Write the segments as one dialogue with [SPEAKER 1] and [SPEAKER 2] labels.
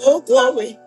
[SPEAKER 1] Oh, glory.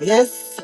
[SPEAKER 1] Yes.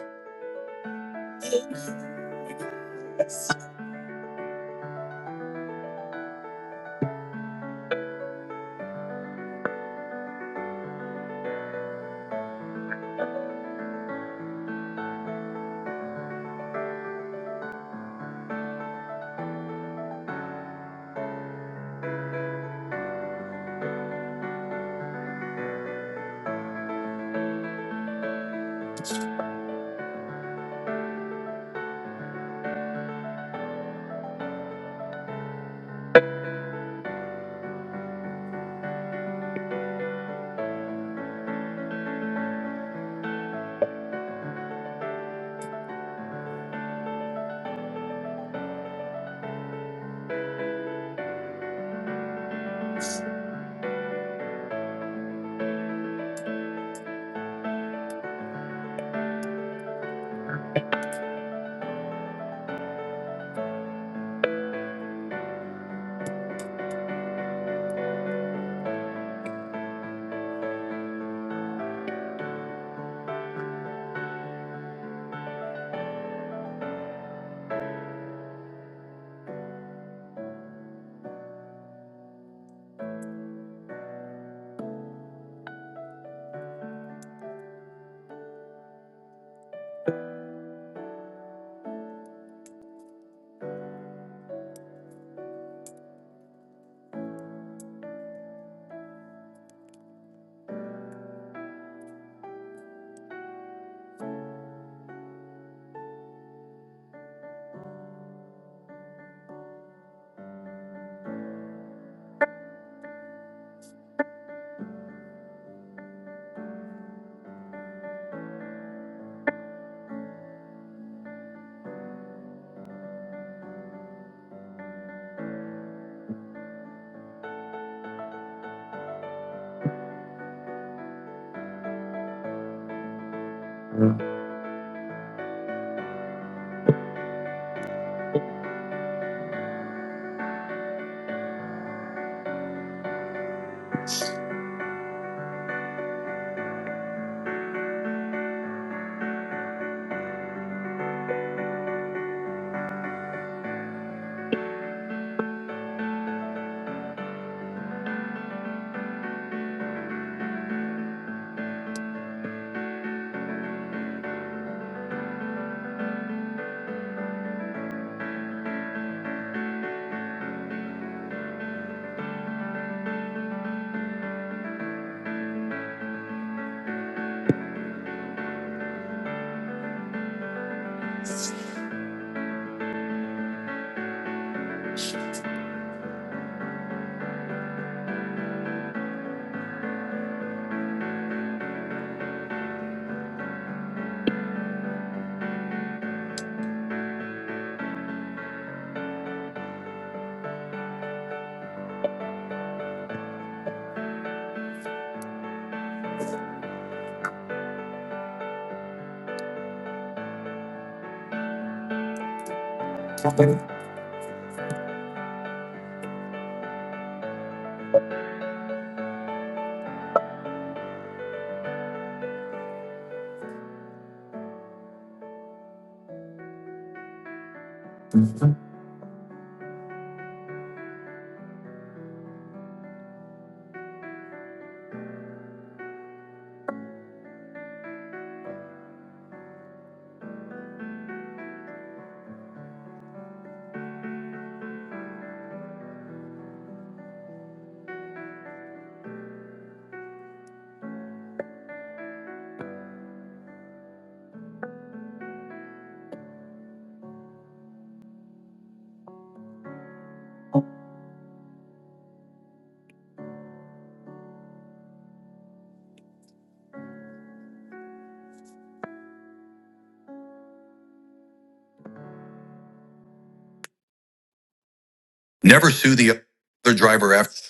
[SPEAKER 1] Never sue the other driver after.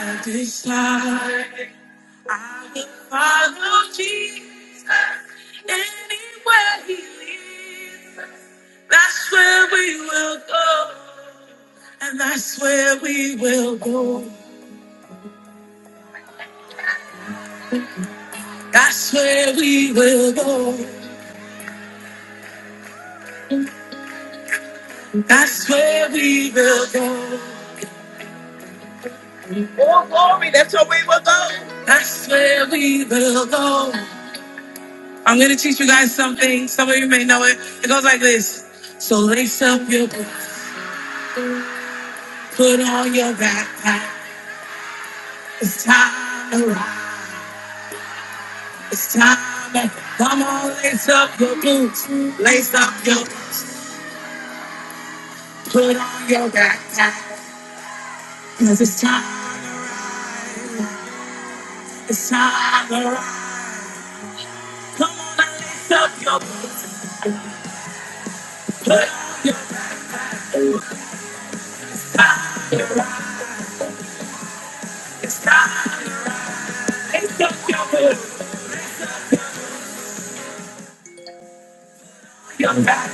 [SPEAKER 1] I decide I will follow Jesus anywhere he leads. That's where we will go. And that's where we will go. That's where we will go. That's where we will go. Oh, glory, that's where we will go. That's where we will go. I'm going to teach you guys something. Some of you may know it. It goes like this. So lace up your boots, put on your backpack. It's time to ride. It's time to come on, lace up your boots. Lace up your boots, put on your backpack. Cause it's time, it's time to ride. Come on, and lace up your boots, put on your backpack. It's time, lace up your boots, your backpack.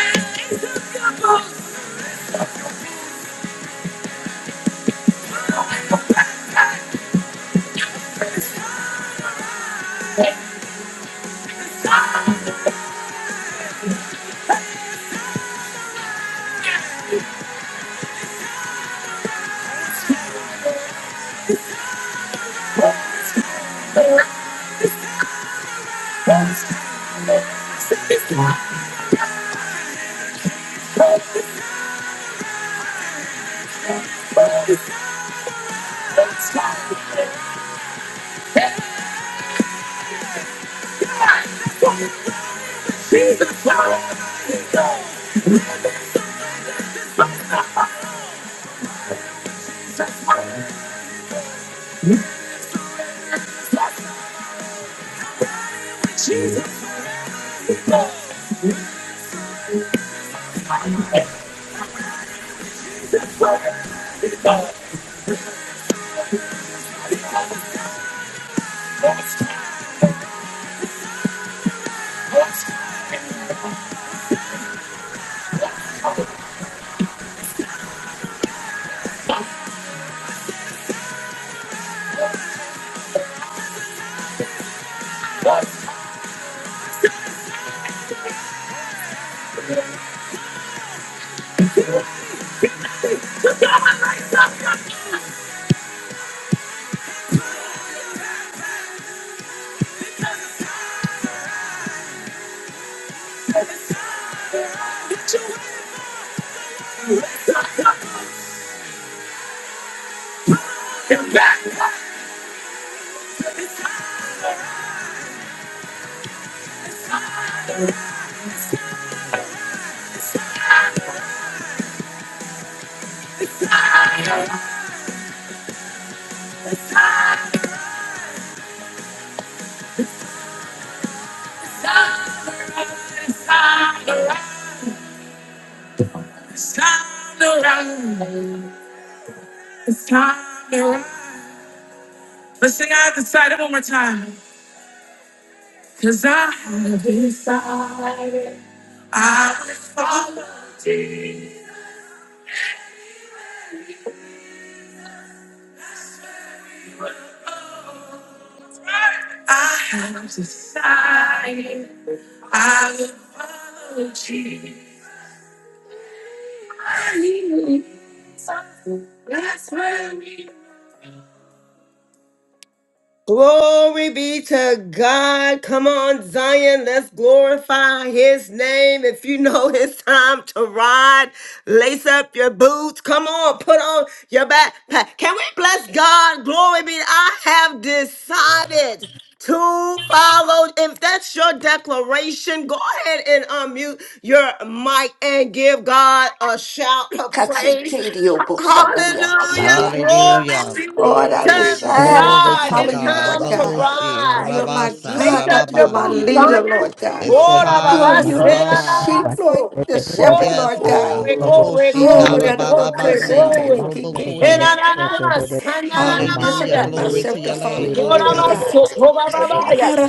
[SPEAKER 1] It's time to run. It's time to run. Let's sing I have decided one more time. Cause I have decided I will follow. I have decided I will follow Jesus. I need something That's where we Glory be to God. Come on, Zion. Let's glorify his name. If you know it's time to ride, lace up your boots. Come on, put on your backpack. Can we bless God? Glory be. I have decided to follow. If that's your declaration, go ahead and unmute your mic and give God a shout of praise.
[SPEAKER 2] Katsikiri Obosandaria
[SPEAKER 1] Hallelujah.
[SPEAKER 2] Masata.
[SPEAKER 1] Glory
[SPEAKER 3] Hallelujah.
[SPEAKER 2] Lord, I decided
[SPEAKER 4] Thank
[SPEAKER 2] to
[SPEAKER 3] Glory to
[SPEAKER 2] follow you,
[SPEAKER 3] God.
[SPEAKER 2] Lord God.
[SPEAKER 3] Rabushi,
[SPEAKER 2] You're my
[SPEAKER 3] Rabasa,
[SPEAKER 2] God, that you're my
[SPEAKER 3] Daralabaya.
[SPEAKER 2] leader, Lord God.
[SPEAKER 3] It's
[SPEAKER 5] Good
[SPEAKER 2] Oh,
[SPEAKER 3] time to
[SPEAKER 2] you're the
[SPEAKER 3] ride.
[SPEAKER 6] Hallelujah.
[SPEAKER 2] sheep, Lord, the shepherd,
[SPEAKER 3] Yes,
[SPEAKER 2] Lord God.
[SPEAKER 3] God. Rabushi,
[SPEAKER 2] Oh, that of a
[SPEAKER 3] Karabalabasi,
[SPEAKER 2] Katsikiri
[SPEAKER 1] The
[SPEAKER 3] Rubukusha.
[SPEAKER 2] Kikiki, I could- not- I would
[SPEAKER 3] Hallelujah.
[SPEAKER 2] discipline
[SPEAKER 3] Glory to
[SPEAKER 2] myself to
[SPEAKER 3] your
[SPEAKER 2] follow
[SPEAKER 3] name,
[SPEAKER 2] you,
[SPEAKER 3] Lord
[SPEAKER 2] Lord
[SPEAKER 3] God.
[SPEAKER 2] God.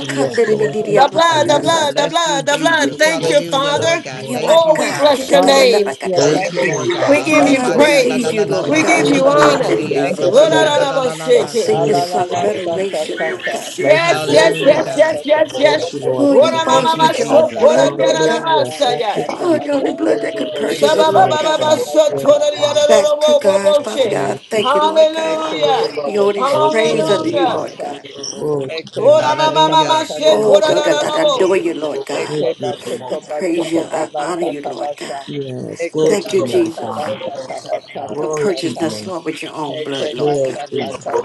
[SPEAKER 7] Yes, Lord. Thank
[SPEAKER 2] Bidiria
[SPEAKER 7] you,
[SPEAKER 1] blood,
[SPEAKER 7] Father
[SPEAKER 1] the
[SPEAKER 2] Mahayula
[SPEAKER 7] God.
[SPEAKER 1] blood, the
[SPEAKER 2] Sata.
[SPEAKER 3] Bless you,
[SPEAKER 1] blood, the blood.
[SPEAKER 7] Thank
[SPEAKER 3] Jesus.
[SPEAKER 7] you,
[SPEAKER 1] Thank you,
[SPEAKER 7] thank
[SPEAKER 3] Hallelujah, Lord
[SPEAKER 1] Father.
[SPEAKER 7] you,
[SPEAKER 3] God.
[SPEAKER 2] You're
[SPEAKER 7] Lord.
[SPEAKER 2] my
[SPEAKER 3] Thank
[SPEAKER 1] Oh,
[SPEAKER 3] you,
[SPEAKER 1] we
[SPEAKER 2] God.
[SPEAKER 1] bless
[SPEAKER 3] Father.
[SPEAKER 1] your name.
[SPEAKER 8] Hallelujah.
[SPEAKER 7] Glory
[SPEAKER 3] Thank
[SPEAKER 7] to
[SPEAKER 2] Chikatatatabakatata.
[SPEAKER 8] Thank
[SPEAKER 3] you,
[SPEAKER 7] your
[SPEAKER 8] you,
[SPEAKER 3] Lord
[SPEAKER 7] name, Father
[SPEAKER 1] We
[SPEAKER 8] Jesus.
[SPEAKER 3] God.
[SPEAKER 2] Oh,
[SPEAKER 7] God.
[SPEAKER 1] give
[SPEAKER 2] Lord,
[SPEAKER 8] Thank
[SPEAKER 1] you
[SPEAKER 2] I
[SPEAKER 8] you,
[SPEAKER 3] Rabasha
[SPEAKER 8] Jesus.
[SPEAKER 1] praise.
[SPEAKER 2] receive you,
[SPEAKER 7] We give
[SPEAKER 2] Lord
[SPEAKER 1] We
[SPEAKER 7] you
[SPEAKER 1] give
[SPEAKER 2] God.
[SPEAKER 8] Thank
[SPEAKER 3] dadalalabaku,
[SPEAKER 7] praise,
[SPEAKER 2] I'm
[SPEAKER 8] you,
[SPEAKER 1] you
[SPEAKER 2] a
[SPEAKER 7] glory,
[SPEAKER 8] Jesus.
[SPEAKER 7] and
[SPEAKER 2] cut-
[SPEAKER 1] honor.
[SPEAKER 2] diddy,
[SPEAKER 3] rabusi,
[SPEAKER 7] honor.
[SPEAKER 2] me
[SPEAKER 8] Thank you,
[SPEAKER 2] say,
[SPEAKER 7] Yes,
[SPEAKER 2] get,
[SPEAKER 8] Jesus.
[SPEAKER 3] Rabasha,
[SPEAKER 2] get,
[SPEAKER 7] Lord.
[SPEAKER 2] get.
[SPEAKER 1] Yes,
[SPEAKER 2] I
[SPEAKER 3] Dalalabasi.
[SPEAKER 2] sing this
[SPEAKER 7] Thank you,
[SPEAKER 2] song of
[SPEAKER 8] Alalala
[SPEAKER 7] Father God.
[SPEAKER 8] shata
[SPEAKER 2] adoration, Lord
[SPEAKER 8] kata.
[SPEAKER 2] God.
[SPEAKER 7] Bless you,
[SPEAKER 1] yes,
[SPEAKER 3] Hallelujah,
[SPEAKER 8] Eke
[SPEAKER 7] Lord.
[SPEAKER 1] yes, yes,
[SPEAKER 3] God.
[SPEAKER 8] manta
[SPEAKER 1] yes, yes.
[SPEAKER 8] kamanta
[SPEAKER 7] Bless you,
[SPEAKER 2] Oh,
[SPEAKER 7] Lord,
[SPEAKER 8] kamanda.
[SPEAKER 2] you
[SPEAKER 1] Ora
[SPEAKER 7] today.
[SPEAKER 2] bought
[SPEAKER 3] Thank
[SPEAKER 1] mama
[SPEAKER 2] us
[SPEAKER 3] you,
[SPEAKER 2] with your
[SPEAKER 1] maso,
[SPEAKER 2] own
[SPEAKER 3] Jesus.
[SPEAKER 1] ora
[SPEAKER 2] blood,
[SPEAKER 8] Akabata
[SPEAKER 2] Lord
[SPEAKER 1] nyara
[SPEAKER 2] God.
[SPEAKER 1] na
[SPEAKER 7] Hallelujah.
[SPEAKER 8] kemanana
[SPEAKER 7] Thank
[SPEAKER 1] masaya.
[SPEAKER 7] you,
[SPEAKER 2] Oh, the only
[SPEAKER 7] Jesus.
[SPEAKER 8] takabata.
[SPEAKER 2] blood that could purchase
[SPEAKER 8] Eke
[SPEAKER 2] us,
[SPEAKER 1] Shaba ba
[SPEAKER 2] Lord
[SPEAKER 1] ba
[SPEAKER 7] Yes,
[SPEAKER 8] manta
[SPEAKER 1] ba
[SPEAKER 2] God.
[SPEAKER 7] Father.
[SPEAKER 1] so,
[SPEAKER 8] kabata
[SPEAKER 7] Yes,
[SPEAKER 1] ora
[SPEAKER 8] kabata.
[SPEAKER 7] Father
[SPEAKER 1] nyara ro
[SPEAKER 2] Back
[SPEAKER 7] God.
[SPEAKER 1] ro
[SPEAKER 2] to God, Father God. I
[SPEAKER 7] Thank you,
[SPEAKER 2] thank you,
[SPEAKER 7] Jesus.
[SPEAKER 2] Lord God.
[SPEAKER 8] Eke
[SPEAKER 1] Hallelujah.
[SPEAKER 8] ke
[SPEAKER 2] We owe
[SPEAKER 8] manta
[SPEAKER 2] these
[SPEAKER 7] Glory to your
[SPEAKER 8] kamanta
[SPEAKER 2] praise unto
[SPEAKER 7] name,
[SPEAKER 2] you,
[SPEAKER 1] Hallelujah.
[SPEAKER 7] Father.
[SPEAKER 2] Lord
[SPEAKER 8] kabata.
[SPEAKER 2] God.
[SPEAKER 7] Glory to your
[SPEAKER 8] Eke
[SPEAKER 7] name.
[SPEAKER 1] Ora
[SPEAKER 8] bata
[SPEAKER 1] mama
[SPEAKER 3] Hallelujah.
[SPEAKER 1] mama
[SPEAKER 8] kabata
[SPEAKER 1] she
[SPEAKER 2] Oh,
[SPEAKER 1] kora
[SPEAKER 2] Lord,
[SPEAKER 8] kamanta
[SPEAKER 1] da
[SPEAKER 2] I
[SPEAKER 1] da
[SPEAKER 2] I-
[SPEAKER 7] Hallelujah.
[SPEAKER 1] da
[SPEAKER 2] I
[SPEAKER 8] kamanta.
[SPEAKER 2] adore you, Lord God.
[SPEAKER 7] Thank
[SPEAKER 8] Eke
[SPEAKER 7] you,
[SPEAKER 2] I
[SPEAKER 7] Jesus.
[SPEAKER 8] batuko
[SPEAKER 2] praise you.
[SPEAKER 8] batuko
[SPEAKER 2] I honor
[SPEAKER 4] you.
[SPEAKER 8] balata
[SPEAKER 2] you, Lord God.
[SPEAKER 8] kabata.
[SPEAKER 7] Yes,
[SPEAKER 4] All
[SPEAKER 7] glory
[SPEAKER 8] Eke
[SPEAKER 2] Thank
[SPEAKER 7] to
[SPEAKER 2] you,
[SPEAKER 7] your
[SPEAKER 8] bata
[SPEAKER 7] name,
[SPEAKER 4] of
[SPEAKER 2] Jesus,
[SPEAKER 7] Father.
[SPEAKER 8] kabata kabata
[SPEAKER 2] for
[SPEAKER 7] Glory to
[SPEAKER 2] purchasing
[SPEAKER 7] your
[SPEAKER 8] kabata.
[SPEAKER 2] us,
[SPEAKER 7] name.
[SPEAKER 2] Lord, with your own blood,
[SPEAKER 8] Eke
[SPEAKER 2] Lord
[SPEAKER 7] Yes,
[SPEAKER 8] basha
[SPEAKER 2] God.
[SPEAKER 8] kaka
[SPEAKER 7] Jesus.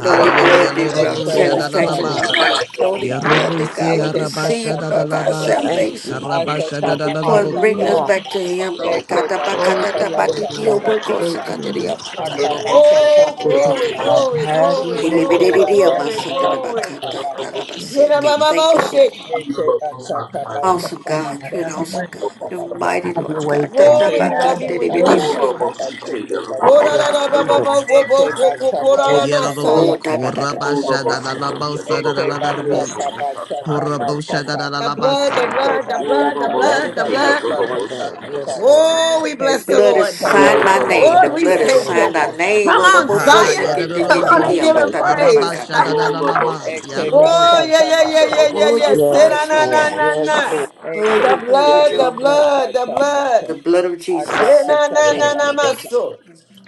[SPEAKER 2] The only blood that brought
[SPEAKER 3] Lorobu
[SPEAKER 8] Esa
[SPEAKER 7] Yes, come
[SPEAKER 8] kata
[SPEAKER 2] satisfaction,
[SPEAKER 7] on.
[SPEAKER 3] shadadalaba.
[SPEAKER 2] Lord
[SPEAKER 8] kata
[SPEAKER 2] God. The only
[SPEAKER 8] kata.
[SPEAKER 2] blood that
[SPEAKER 3] Yarubusi
[SPEAKER 2] God will
[SPEAKER 8] Eke
[SPEAKER 3] arabasha
[SPEAKER 2] receive,
[SPEAKER 8] kata
[SPEAKER 2] Lord, for our
[SPEAKER 8] kata.
[SPEAKER 7] Thank
[SPEAKER 3] dadalabasi.
[SPEAKER 2] salvation.
[SPEAKER 7] you.
[SPEAKER 8] Asa
[SPEAKER 3] Arabasha
[SPEAKER 8] kama da
[SPEAKER 2] For
[SPEAKER 8] da
[SPEAKER 2] bringing
[SPEAKER 3] dadalabuku.
[SPEAKER 8] da.
[SPEAKER 2] us
[SPEAKER 7] Hallelujah.
[SPEAKER 2] back to Him, Lord God.
[SPEAKER 8] Eke basha
[SPEAKER 7] Glory
[SPEAKER 2] Tabakata
[SPEAKER 7] to your name,
[SPEAKER 8] kabata
[SPEAKER 2] tabatiti
[SPEAKER 7] Lord.
[SPEAKER 2] oboko
[SPEAKER 8] kabasha
[SPEAKER 7] Glory
[SPEAKER 8] ka.
[SPEAKER 7] to your name.
[SPEAKER 2] sakadiriya masaka.
[SPEAKER 8] Akamata
[SPEAKER 1] Oh,
[SPEAKER 7] There's
[SPEAKER 8] kamana
[SPEAKER 1] glory,
[SPEAKER 7] something God.
[SPEAKER 8] tata.
[SPEAKER 1] glory,
[SPEAKER 7] Have your
[SPEAKER 1] glory,
[SPEAKER 7] way,
[SPEAKER 8] Eke
[SPEAKER 7] God.
[SPEAKER 1] glory,
[SPEAKER 2] Ilibidiriya
[SPEAKER 8] basha
[SPEAKER 7] Have
[SPEAKER 1] glory,
[SPEAKER 7] your way.
[SPEAKER 8] kabata
[SPEAKER 1] glory.
[SPEAKER 2] masanadabakata
[SPEAKER 8] kabata
[SPEAKER 7] Yes,
[SPEAKER 8] kabata.
[SPEAKER 1] Kira
[SPEAKER 2] talabasete.
[SPEAKER 7] Jesus.
[SPEAKER 1] mama
[SPEAKER 2] Thank
[SPEAKER 1] mo
[SPEAKER 2] you, Jesus.
[SPEAKER 1] she.
[SPEAKER 8] Eke bata
[SPEAKER 7] I lift him
[SPEAKER 8] kabata
[SPEAKER 7] up
[SPEAKER 2] Awesome
[SPEAKER 7] to you,
[SPEAKER 2] God,
[SPEAKER 7] God.
[SPEAKER 8] kamata
[SPEAKER 2] you're an
[SPEAKER 7] Have your way.
[SPEAKER 2] awesome
[SPEAKER 8] kabata
[SPEAKER 2] God. You're
[SPEAKER 8] kabata.
[SPEAKER 2] mighty
[SPEAKER 7] Have
[SPEAKER 2] Lord
[SPEAKER 7] your way,
[SPEAKER 2] God.
[SPEAKER 7] God.
[SPEAKER 8] Eke
[SPEAKER 1] Glory, love
[SPEAKER 7] Have
[SPEAKER 2] Tatabakata
[SPEAKER 8] basha
[SPEAKER 1] you, we
[SPEAKER 7] your way.
[SPEAKER 1] bless
[SPEAKER 2] libidiriya
[SPEAKER 8] kabata
[SPEAKER 1] you.
[SPEAKER 4] us, we
[SPEAKER 2] matata.
[SPEAKER 8] kabata
[SPEAKER 4] take the
[SPEAKER 1] Kora
[SPEAKER 4] rubber,
[SPEAKER 1] da
[SPEAKER 8] kabata.
[SPEAKER 7] Yes,
[SPEAKER 1] da
[SPEAKER 4] the
[SPEAKER 1] ba ba ba
[SPEAKER 7] Jesus.
[SPEAKER 1] bo bo
[SPEAKER 8] Eke
[SPEAKER 4] rubber,
[SPEAKER 1] ko
[SPEAKER 4] the
[SPEAKER 1] ko
[SPEAKER 8] bataka
[SPEAKER 1] kora
[SPEAKER 7] Thank
[SPEAKER 1] na
[SPEAKER 4] rubber,
[SPEAKER 8] bataka
[SPEAKER 7] God.
[SPEAKER 2] Oh,
[SPEAKER 1] masaya.
[SPEAKER 3] Yelabuku.
[SPEAKER 8] bataka
[SPEAKER 4] Oh,
[SPEAKER 3] Rabasha
[SPEAKER 8] bataka.
[SPEAKER 4] Robosita,
[SPEAKER 3] dadalabosa
[SPEAKER 8] Eke
[SPEAKER 4] Yabobosha,
[SPEAKER 3] dadalabi.
[SPEAKER 8] bataka
[SPEAKER 7] Yes,
[SPEAKER 4] Robosata,
[SPEAKER 8] bataka
[SPEAKER 3] Horabosha
[SPEAKER 4] Yabobos.
[SPEAKER 8] bataka.
[SPEAKER 1] The blood,
[SPEAKER 3] dadalabasa.
[SPEAKER 1] the
[SPEAKER 8] Eke
[SPEAKER 1] blood, the
[SPEAKER 4] Oh,
[SPEAKER 1] blood, the
[SPEAKER 8] bataka
[SPEAKER 4] Robo
[SPEAKER 1] blood,
[SPEAKER 7] Lord of
[SPEAKER 1] the
[SPEAKER 4] Cynthia,
[SPEAKER 8] bataka
[SPEAKER 7] Jesus,
[SPEAKER 1] blood.
[SPEAKER 4] Robo
[SPEAKER 8] taka
[SPEAKER 7] Lord
[SPEAKER 4] Bush, and
[SPEAKER 7] God.
[SPEAKER 8] taka
[SPEAKER 4] the Robo
[SPEAKER 7] Yes,
[SPEAKER 8] ta.
[SPEAKER 7] Lord.
[SPEAKER 1] Oh, we
[SPEAKER 2] The
[SPEAKER 1] bless the
[SPEAKER 8] Eke
[SPEAKER 2] blood has
[SPEAKER 1] Lord.
[SPEAKER 8] bataka
[SPEAKER 2] signed
[SPEAKER 4] yeah,
[SPEAKER 7] Yes,
[SPEAKER 2] my
[SPEAKER 7] Lord.
[SPEAKER 8] bataka
[SPEAKER 2] name. The
[SPEAKER 1] Lord, we
[SPEAKER 4] Robosita,
[SPEAKER 2] blood has
[SPEAKER 8] bataka
[SPEAKER 1] thank
[SPEAKER 7] Thank
[SPEAKER 2] signed
[SPEAKER 1] you.
[SPEAKER 7] you.
[SPEAKER 2] our
[SPEAKER 4] Yabobosha,
[SPEAKER 8] bataka.
[SPEAKER 2] name.
[SPEAKER 1] Come
[SPEAKER 2] Oh, the
[SPEAKER 1] on,
[SPEAKER 2] vocal
[SPEAKER 3] Ha
[SPEAKER 8] Eke
[SPEAKER 4] Yabobosita, Yabobosha,
[SPEAKER 1] Zion.
[SPEAKER 2] siki
[SPEAKER 4] Robosata, Yabobos.
[SPEAKER 1] Come
[SPEAKER 2] diki
[SPEAKER 8] bataka
[SPEAKER 1] on
[SPEAKER 7] Have
[SPEAKER 1] and
[SPEAKER 2] diki up.
[SPEAKER 7] your
[SPEAKER 1] give
[SPEAKER 2] I
[SPEAKER 7] way,
[SPEAKER 1] him
[SPEAKER 3] yadadabusi.
[SPEAKER 2] thought
[SPEAKER 8] bataka
[SPEAKER 2] that
[SPEAKER 7] Father.
[SPEAKER 2] I
[SPEAKER 1] praise.
[SPEAKER 2] got
[SPEAKER 3] Arabasha
[SPEAKER 8] bataka.
[SPEAKER 2] that.
[SPEAKER 4] Oh, Robo
[SPEAKER 3] dadalaba.
[SPEAKER 7] Yes,
[SPEAKER 4] Cynthia,
[SPEAKER 8] Eke
[SPEAKER 7] Jesus.
[SPEAKER 4] Robo
[SPEAKER 1] Oh, yeah,
[SPEAKER 8] bataka
[SPEAKER 3] Yarubukush.
[SPEAKER 4] Bush,
[SPEAKER 1] yeah,
[SPEAKER 4] and
[SPEAKER 1] yeah,
[SPEAKER 4] the
[SPEAKER 1] yeah,
[SPEAKER 4] Robo
[SPEAKER 1] yeah,
[SPEAKER 8] bataka
[SPEAKER 2] Oh,
[SPEAKER 1] yeah.
[SPEAKER 2] you
[SPEAKER 1] Say
[SPEAKER 2] bought
[SPEAKER 1] na
[SPEAKER 4] Satire,
[SPEAKER 8] bataka
[SPEAKER 7] Yes,
[SPEAKER 2] us,
[SPEAKER 1] na
[SPEAKER 2] Lord
[SPEAKER 4] Robo
[SPEAKER 1] na
[SPEAKER 7] Lord.
[SPEAKER 8] bataka.
[SPEAKER 2] God.
[SPEAKER 1] na
[SPEAKER 7] Yes,
[SPEAKER 1] na.
[SPEAKER 7] Lord.
[SPEAKER 2] Oh,
[SPEAKER 8] Eke
[SPEAKER 1] The
[SPEAKER 2] you bought us
[SPEAKER 4] yeah,
[SPEAKER 2] with
[SPEAKER 1] blood,
[SPEAKER 2] your
[SPEAKER 1] the
[SPEAKER 8] manaka
[SPEAKER 2] own
[SPEAKER 4] Robosita,
[SPEAKER 8] taka
[SPEAKER 2] blood.
[SPEAKER 1] blood, the
[SPEAKER 8] taka
[SPEAKER 1] blood.
[SPEAKER 8] mata.
[SPEAKER 2] The blood of Jesus
[SPEAKER 1] Say
[SPEAKER 2] that
[SPEAKER 1] na
[SPEAKER 8] Akamata
[SPEAKER 1] na na
[SPEAKER 2] prevailed,
[SPEAKER 1] na
[SPEAKER 2] Lord God.
[SPEAKER 8] kamata
[SPEAKER 1] maso.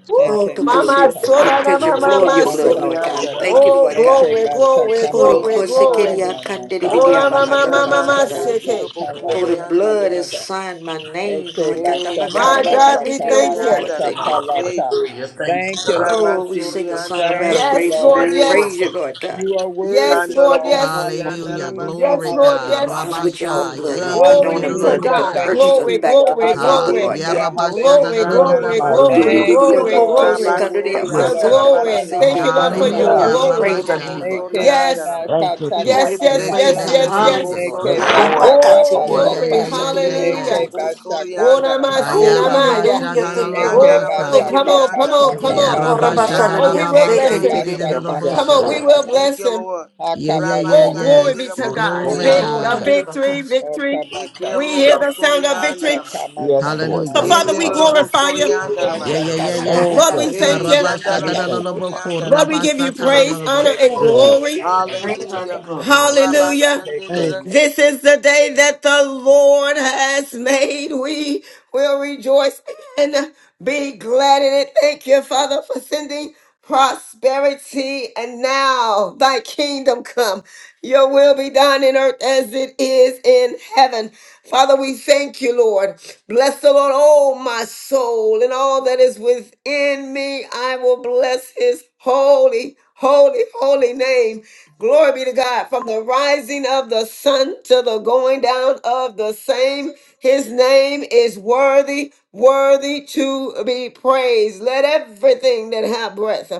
[SPEAKER 1] Woo,
[SPEAKER 7] God.
[SPEAKER 2] Oh,
[SPEAKER 8] Eke
[SPEAKER 2] the
[SPEAKER 1] mama
[SPEAKER 2] cosy
[SPEAKER 1] so
[SPEAKER 8] manakata.
[SPEAKER 1] na na
[SPEAKER 2] perpetual
[SPEAKER 4] Yabobosha,
[SPEAKER 1] mama
[SPEAKER 4] Robosata,
[SPEAKER 2] flow of your
[SPEAKER 1] mase.
[SPEAKER 2] blood, Lord
[SPEAKER 8] Akamashaka.
[SPEAKER 2] God. Thank
[SPEAKER 9] Koriandarabas.
[SPEAKER 4] Yabobos.
[SPEAKER 2] you,
[SPEAKER 1] Oh,
[SPEAKER 2] Lord God.
[SPEAKER 8] Eke
[SPEAKER 1] glory, glory,
[SPEAKER 8] bachaka
[SPEAKER 2] Oh, the
[SPEAKER 9] Thank
[SPEAKER 1] glory,
[SPEAKER 9] you,
[SPEAKER 2] cosy
[SPEAKER 8] manakata
[SPEAKER 1] glory.
[SPEAKER 2] kiria
[SPEAKER 9] Father.
[SPEAKER 2] kandiri
[SPEAKER 8] manaka.
[SPEAKER 1] Oh,
[SPEAKER 2] bidia
[SPEAKER 1] la, ma ma
[SPEAKER 2] bahata la
[SPEAKER 4] Hallelujah,
[SPEAKER 1] ma ma
[SPEAKER 9] Rama
[SPEAKER 1] ma
[SPEAKER 2] basata.
[SPEAKER 8] Okomana
[SPEAKER 9] Ramasandirobo
[SPEAKER 2] Oh, the
[SPEAKER 4] hallelujah,
[SPEAKER 8] kalasha
[SPEAKER 2] blood has
[SPEAKER 8] kalata.
[SPEAKER 9] Koriandirabashe.
[SPEAKER 2] signed my name,
[SPEAKER 8] Eke
[SPEAKER 2] Lord God.
[SPEAKER 9] Eh,
[SPEAKER 8] bashaka
[SPEAKER 2] Tabakata
[SPEAKER 1] My God, we
[SPEAKER 9] Yandaramas,
[SPEAKER 8] bachaka
[SPEAKER 2] tabati
[SPEAKER 1] thank you.
[SPEAKER 8] banata
[SPEAKER 9] Oriandaramas, eh,
[SPEAKER 8] kalata.
[SPEAKER 4] hallelujah. Thank
[SPEAKER 8] Thank you, Lord
[SPEAKER 9] Rama
[SPEAKER 2] Oh, we sing a
[SPEAKER 8] Jesus.
[SPEAKER 2] song of
[SPEAKER 8] Thank
[SPEAKER 9] Oriandaramas,
[SPEAKER 8] you,
[SPEAKER 1] Yes,
[SPEAKER 2] adoration
[SPEAKER 8] Lord
[SPEAKER 4] you,
[SPEAKER 1] Lord,
[SPEAKER 2] and
[SPEAKER 8] Jesus.
[SPEAKER 2] praise
[SPEAKER 1] yes.
[SPEAKER 9] Oriandaramas.
[SPEAKER 2] you, Lord God.
[SPEAKER 8] You are
[SPEAKER 1] Yes,
[SPEAKER 8] worthy,
[SPEAKER 1] Lord,
[SPEAKER 9] Ikandarabo,
[SPEAKER 8] Lord.
[SPEAKER 1] yes.
[SPEAKER 3] Hallelujah.
[SPEAKER 9] Oriandaramas,
[SPEAKER 8] Hallelujah.
[SPEAKER 1] Yes,
[SPEAKER 3] Glory
[SPEAKER 1] Lord,
[SPEAKER 2] You
[SPEAKER 3] God.
[SPEAKER 2] bought
[SPEAKER 9] Oriandaramas.
[SPEAKER 1] yes.
[SPEAKER 2] us
[SPEAKER 8] Hallelujah.
[SPEAKER 2] with your
[SPEAKER 7] Yes,
[SPEAKER 2] own
[SPEAKER 3] Rabasha.
[SPEAKER 2] blood, Lord
[SPEAKER 3] Yai
[SPEAKER 2] God.
[SPEAKER 9] Ramas,
[SPEAKER 2] No
[SPEAKER 1] Glory
[SPEAKER 2] one the
[SPEAKER 1] be
[SPEAKER 2] only
[SPEAKER 1] to
[SPEAKER 2] blood that
[SPEAKER 8] Hallelujah.
[SPEAKER 2] could
[SPEAKER 1] God.
[SPEAKER 8] Thank
[SPEAKER 3] ikirobosha.
[SPEAKER 8] you,
[SPEAKER 2] purchase us
[SPEAKER 1] Glory,
[SPEAKER 9] Oriandaramashete.
[SPEAKER 8] Jesus.
[SPEAKER 2] back to the
[SPEAKER 1] glory,
[SPEAKER 2] Father,
[SPEAKER 3] Ha
[SPEAKER 1] glory.
[SPEAKER 2] Lord God.
[SPEAKER 9] Eke
[SPEAKER 8] Hallelujah.
[SPEAKER 9] nobo
[SPEAKER 3] yarabasha
[SPEAKER 1] Glory,
[SPEAKER 7] in
[SPEAKER 8] Hallelujah.
[SPEAKER 7] the
[SPEAKER 1] glory,
[SPEAKER 3] dadalabosi.
[SPEAKER 7] mighty
[SPEAKER 2] Oh,
[SPEAKER 9] shandaramase.
[SPEAKER 1] glory,
[SPEAKER 7] name of
[SPEAKER 8] Thank
[SPEAKER 7] Jesus.
[SPEAKER 8] you,
[SPEAKER 1] glory,
[SPEAKER 8] Lord. You
[SPEAKER 1] glory.
[SPEAKER 8] are
[SPEAKER 9] Rabas,
[SPEAKER 8] worthy,
[SPEAKER 1] The
[SPEAKER 7] Yes,
[SPEAKER 8] Lord.
[SPEAKER 1] glory.
[SPEAKER 9] Oriandaramase.
[SPEAKER 1] Thank you,
[SPEAKER 8] Hallelujah,
[SPEAKER 1] Lord, for your
[SPEAKER 3] Hallelujah.
[SPEAKER 7] Hallelujah.
[SPEAKER 2] this
[SPEAKER 8] shakaman.
[SPEAKER 9] Eke
[SPEAKER 1] glory.
[SPEAKER 2] praise on
[SPEAKER 9] romo,
[SPEAKER 2] you,
[SPEAKER 3] Rabasha.
[SPEAKER 2] Lord
[SPEAKER 8] Eke
[SPEAKER 2] God.
[SPEAKER 1] Yes,
[SPEAKER 9] Oriandaramas.
[SPEAKER 7] Thank
[SPEAKER 8] manaka
[SPEAKER 7] you,
[SPEAKER 2] We owe
[SPEAKER 7] Jesus.
[SPEAKER 8] taka
[SPEAKER 1] yes,
[SPEAKER 2] every
[SPEAKER 1] yes,
[SPEAKER 3] Bless your
[SPEAKER 1] yes,
[SPEAKER 2] praise
[SPEAKER 8] manaka.
[SPEAKER 2] and
[SPEAKER 3] name,
[SPEAKER 9] Ekende
[SPEAKER 1] yes,
[SPEAKER 2] honor
[SPEAKER 9] robo
[SPEAKER 1] yes.
[SPEAKER 2] you, Lord
[SPEAKER 3] Jesus.
[SPEAKER 8] Eke
[SPEAKER 7] Yes,
[SPEAKER 2] God.
[SPEAKER 9] sorianda
[SPEAKER 7] Lord. Yes,
[SPEAKER 9] rabas.
[SPEAKER 8] bataka
[SPEAKER 1] Oh,
[SPEAKER 3] Yeah,
[SPEAKER 7] Lord.
[SPEAKER 3] yeah,
[SPEAKER 1] glory.
[SPEAKER 3] yeah,
[SPEAKER 8] bataka.
[SPEAKER 3] yeah, yeah,
[SPEAKER 9] Eke
[SPEAKER 3] yeah.
[SPEAKER 1] Hallelujah.
[SPEAKER 8] Eke
[SPEAKER 9] yorobo
[SPEAKER 8] bashaka
[SPEAKER 1] Oh,
[SPEAKER 7] Thank
[SPEAKER 9] sorianda
[SPEAKER 7] you,
[SPEAKER 9] ramas.
[SPEAKER 7] Father.
[SPEAKER 8] bataka
[SPEAKER 1] namaste,
[SPEAKER 3] Haya
[SPEAKER 2] Oh,
[SPEAKER 8] pata.
[SPEAKER 1] namaya.
[SPEAKER 3] Rabasha
[SPEAKER 2] hallelujah.
[SPEAKER 3] da da
[SPEAKER 9] Ke
[SPEAKER 2] Thank
[SPEAKER 3] la
[SPEAKER 2] you,
[SPEAKER 9] yanda
[SPEAKER 8] Eke
[SPEAKER 2] Lord.
[SPEAKER 1] Oh,
[SPEAKER 9] ramas
[SPEAKER 2] Thank
[SPEAKER 3] baka.
[SPEAKER 2] you,
[SPEAKER 1] come
[SPEAKER 8] bataka
[SPEAKER 2] Lord.
[SPEAKER 1] on, come
[SPEAKER 9] sorianda
[SPEAKER 1] on,
[SPEAKER 7] Glory
[SPEAKER 1] come
[SPEAKER 8] pataka
[SPEAKER 9] rabas.
[SPEAKER 7] to
[SPEAKER 3] Yeah,
[SPEAKER 1] on.
[SPEAKER 7] your
[SPEAKER 2] Oh,
[SPEAKER 7] name.
[SPEAKER 8] pataka.
[SPEAKER 3] Rabasha da
[SPEAKER 2] Rabasana
[SPEAKER 1] Oh,
[SPEAKER 3] da
[SPEAKER 9] Rama
[SPEAKER 1] we
[SPEAKER 2] dia,
[SPEAKER 3] la
[SPEAKER 1] will
[SPEAKER 8] Eke
[SPEAKER 1] bless
[SPEAKER 3] basi
[SPEAKER 2] Sekedi
[SPEAKER 9] sorianda
[SPEAKER 3] ti
[SPEAKER 1] him.
[SPEAKER 3] di di di
[SPEAKER 2] Bedia
[SPEAKER 3] do
[SPEAKER 8] bashaka
[SPEAKER 9] rabas.
[SPEAKER 7] Yes,
[SPEAKER 1] Come
[SPEAKER 2] Basata
[SPEAKER 1] on,
[SPEAKER 3] bosha.
[SPEAKER 1] we
[SPEAKER 7] Lord.
[SPEAKER 8] mantaka
[SPEAKER 1] will
[SPEAKER 8] man.
[SPEAKER 2] Rabakata.
[SPEAKER 9] Thank
[SPEAKER 1] bless
[SPEAKER 9] you,
[SPEAKER 1] him.
[SPEAKER 9] Lord.
[SPEAKER 3] Yeah, yeah,
[SPEAKER 9] Rama
[SPEAKER 3] yeah,
[SPEAKER 1] Oh,
[SPEAKER 8] Akabataka.
[SPEAKER 9] sande
[SPEAKER 1] glory be
[SPEAKER 3] yes.
[SPEAKER 1] to
[SPEAKER 9] robo
[SPEAKER 7] Yes,
[SPEAKER 1] God.
[SPEAKER 3] Glory
[SPEAKER 1] Vic,
[SPEAKER 7] Lord.
[SPEAKER 2] Oh,
[SPEAKER 9] sorianda
[SPEAKER 1] the
[SPEAKER 9] ramas.
[SPEAKER 3] God.
[SPEAKER 8] Akamata.
[SPEAKER 1] victory,
[SPEAKER 2] Tadabakasa.
[SPEAKER 1] victory.
[SPEAKER 9] Eke
[SPEAKER 8] Okamata.
[SPEAKER 1] We
[SPEAKER 4] God.
[SPEAKER 1] hear
[SPEAKER 9] robo
[SPEAKER 1] the sound of
[SPEAKER 9] sorianda
[SPEAKER 1] victory.
[SPEAKER 8] Ashaka
[SPEAKER 9] ramas.
[SPEAKER 7] Yes,
[SPEAKER 8] mantaka
[SPEAKER 7] Lord.
[SPEAKER 3] Hallelujah.
[SPEAKER 1] So,
[SPEAKER 7] Thank you,
[SPEAKER 1] Father,
[SPEAKER 9] Kende
[SPEAKER 8] mantaka
[SPEAKER 1] we
[SPEAKER 7] Father.
[SPEAKER 2] Hallelujah.
[SPEAKER 8] man.
[SPEAKER 9] robo
[SPEAKER 1] glorify you.
[SPEAKER 4] Thank
[SPEAKER 9] sorianda
[SPEAKER 3] Yeah,
[SPEAKER 9] ramas.
[SPEAKER 3] yeah,
[SPEAKER 8] kata
[SPEAKER 3] yeah,
[SPEAKER 7] Thank
[SPEAKER 1] Lord,
[SPEAKER 3] yes.
[SPEAKER 7] you.
[SPEAKER 8] takata.
[SPEAKER 1] we
[SPEAKER 7] Jesus.
[SPEAKER 2] Praise,
[SPEAKER 1] thank
[SPEAKER 9] E
[SPEAKER 1] you.
[SPEAKER 9] yanda
[SPEAKER 3] Rabasha da
[SPEAKER 7] We
[SPEAKER 3] da
[SPEAKER 9] ramo
[SPEAKER 3] la
[SPEAKER 8] Akata.
[SPEAKER 7] thank
[SPEAKER 3] la
[SPEAKER 7] you,
[SPEAKER 3] boko.
[SPEAKER 7] Father.
[SPEAKER 9] sorianda
[SPEAKER 1] Lord, we
[SPEAKER 9] ramas.
[SPEAKER 1] give
[SPEAKER 3] Rabasa
[SPEAKER 1] you
[SPEAKER 3] ta da
[SPEAKER 1] praise,
[SPEAKER 8] Heke
[SPEAKER 1] honor,
[SPEAKER 3] da
[SPEAKER 4] you.
[SPEAKER 1] and
[SPEAKER 8] mata
[SPEAKER 7] Yes,
[SPEAKER 1] glory.
[SPEAKER 7] Lord.
[SPEAKER 8] kamata
[SPEAKER 2] honor,
[SPEAKER 9] Hallelujah.
[SPEAKER 8] kamata.
[SPEAKER 2] and glory, Lord God.
[SPEAKER 9] Rabba
[SPEAKER 1] Hallelujah.
[SPEAKER 9] sande
[SPEAKER 7] Thank
[SPEAKER 8] Heke
[SPEAKER 1] This is the day that the Lord has made. We will rejoice and be glad in it. Thank you, Father, for sending prosperity. And now thy kingdom come. Your will be done in earth as it is in heaven. Father, we thank you, Lord. Bless the Lord, oh my soul, and all that is within me. I will bless his holy, holy, holy name. Glory be to God. From the rising of the sun to the going down of the same, his name is worthy, worthy to be praised. Let everything that have breath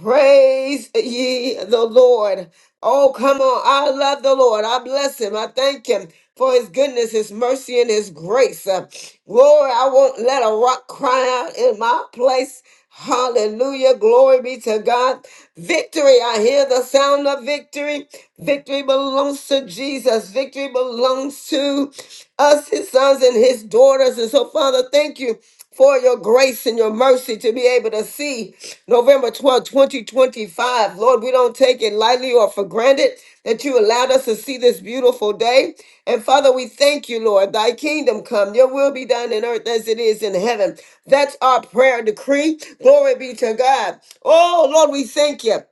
[SPEAKER 1] praise ye the Lord. Oh, come on. I love the Lord. I bless him. I thank him for his goodness, his mercy, and his grace. Uh, glory, I won't let a rock cry out in my place. Hallelujah. Glory be to God. Victory. I hear the sound of victory. Victory belongs to Jesus. Victory belongs to us, his sons and his daughters. And so, Father, thank you for your grace and your mercy to be able to see November twelfth, 2025. Lord, we don't take it lightly or for granted that you allowed us to see this beautiful day. And Father, we thank you, Lord. Thy kingdom come, your will be done in earth as it is in heaven. That's our prayer decree. Glory be to God. Oh, Lord, we thank you.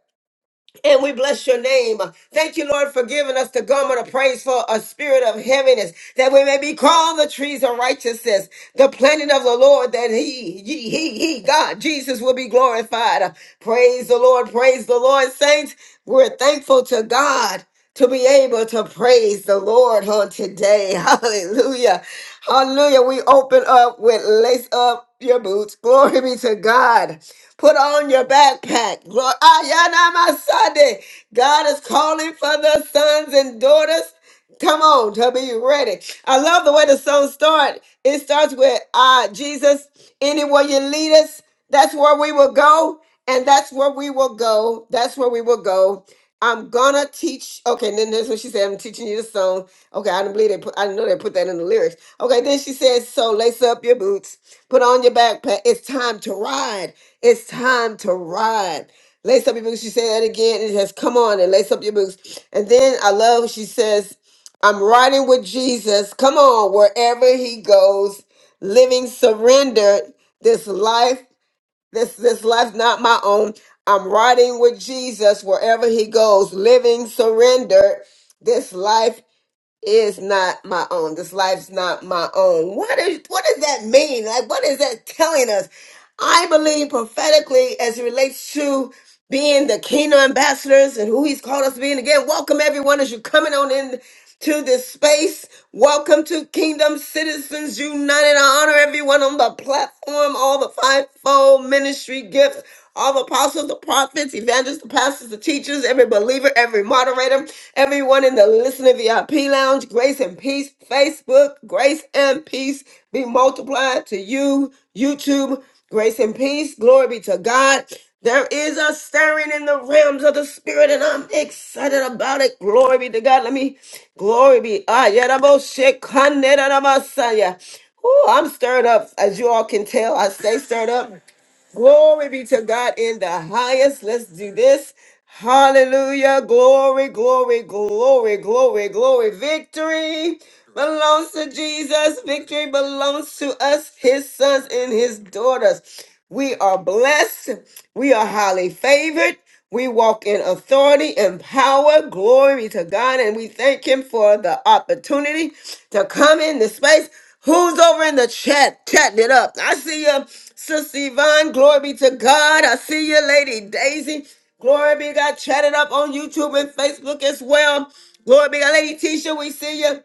[SPEAKER 1] And we bless your name. Thank you, Lord, for giving us the garment of praise for a spirit of heaviness, that we may be called the trees of righteousness, the planting of the Lord, that he, he, he, he, God, Jesus will be glorified. Praise the Lord, praise the Lord, saints. We're thankful to God to be able to praise the Lord on today. Hallelujah. Hallelujah. We open up with lace up your boots. Glory be to God. Put on your backpack. Glory. Ayana Masade. God is calling for the sons and daughters. Come on, to be ready. I love the way the song starts. It starts with uh, Jesus, anywhere you lead us, that's where we will go. And that's where we will go. That's where we will go. I'm gonna teach. Okay, and then that's what she said. I'm teaching you the song. Okay, I didn't believe they put. I didn't know they put that in the lyrics. Okay, then she says, "So lace up your boots, put on your backpack. It's time to ride. It's time to ride. Lace up your boots. She said that again. It says, come on and lace up your boots. And then I love, she says, I'm riding with Jesus. Come on, wherever he goes, living surrendered. This life, this this life's not my own. I'm riding with Jesus wherever he goes, living surrendered. This life is not my own. This life's not my own. What is what does that mean? Like what is that telling us? I believe prophetically as it relates to being the kingdom ambassadors and who he's called us to be. And again, welcome everyone as you're coming on in to this space. Welcome to Kingdom Citizens United. I honor everyone on the platform, all the fivefold ministry gifts, all the apostles, the prophets, evangelists, the pastors, the teachers, every believer, every moderator, everyone in the listening VIP lounge. Grace and peace, Facebook, grace and peace be multiplied to you, YouTube. Grace and peace. Glory be to God. There is a stirring in the realms of the spirit, and I'm excited about it. Glory be to God. Let me glory be. Ah, yeah, the most shit, Kande, da, da, Messiah. Ooh, I'm stirred up, as you all can tell. I stay stirred up. Glory be to God in the highest. Let's do this. Hallelujah. Glory, glory, glory, glory, glory. Victory belongs to Jesus. Victory belongs to us, his sons and his daughters. We are blessed. We are highly favored. We walk in authority and power. Glory be to God. And we thank him for the opportunity to come in this space. Who's over in the chat chatting it up? I see you, Sister Yvonne. Glory be to God. I see you, Lady Daisy. Glory be to God. Chatted up on YouTube and Facebook as well. Glory be to God. Lady Tisha, we see you.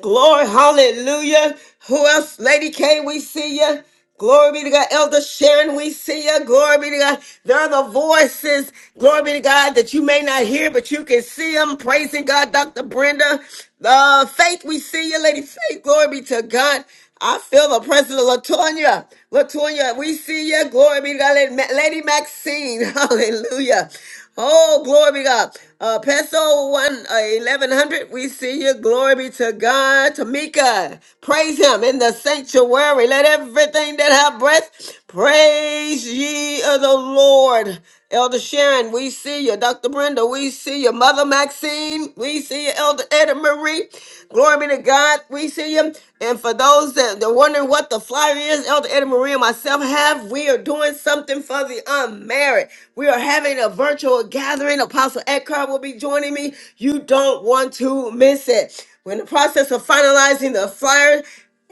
[SPEAKER 1] Glory, hallelujah. Who else? Lady K, we see you. Glory be to God. Elder Sharon, we see you. Glory be to God. There are the voices, glory be to God, that you may not hear, but you can see them. Praising God, Dr. Brenda. Uh, Faith, we see you, Lady Faith. Glory be to God. I feel the presence of Latonya. Latonya, we see you. Glory be to God. Lady Ma- Lady Maxine, hallelujah. Oh, glory be God. Uh, Peso 1, uh, 1100, we see you. Glory be to God. Tamika, praise him in the sanctuary. Let everything that have breath praise ye of the Lord. Elder Sharon, we see you. Dr. Brenda, we see you. Mother Maxine, we see you. Elder Edna Marie, glory be to God, we see you. And for those that are wondering what the flyer is, Elder Edna Marie and myself have, we are doing something for the um, married. We are having a virtual gathering. Apostle Eckhart will be joining me. You don't want to miss it. We're in the process of finalizing the flyer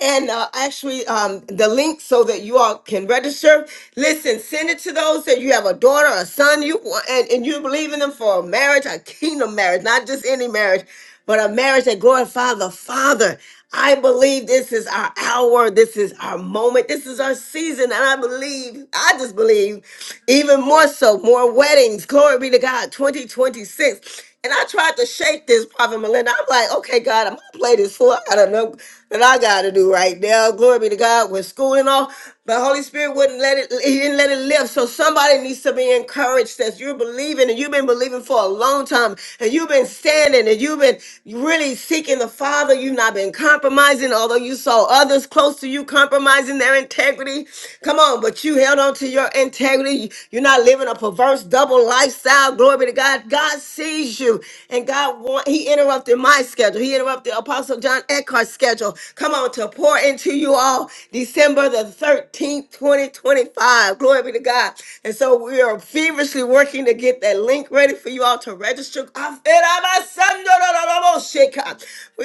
[SPEAKER 1] and uh, actually um, the link so that you all can register. Listen, send it to those that you have a daughter, a son, you want, and, and you believe in them for a marriage, a kingdom marriage, not just any marriage but a marriage that glorifies the Father. I believe this is our hour. This is our moment. This is our season. And I believe, I just believe, even more so, more weddings. Glory be to God, 2026. And I tried to shake this, Prophet Melinda. I'm like, okay, God, I'm going to play this fool. I don't know that I got to do right now. Glory be to God with school and all. But Holy Spirit wouldn't let it, he didn't let it live. So somebody needs to be encouraged that you're believing and you've been believing for a long time and you've been standing and you've been really seeking the Father. You've not been compromising, although you saw others close to you compromising their integrity. Come on, but you held on to your integrity. You're not living a perverse double lifestyle. Glory be to God. God sees you and God want, he interrupted my schedule. He interrupted Apostle John Eckhart's schedule. Come on, to pour into you all December the 13th, 2025. Glory be to God. And so we are feverishly working to get that link ready for you all to register. We're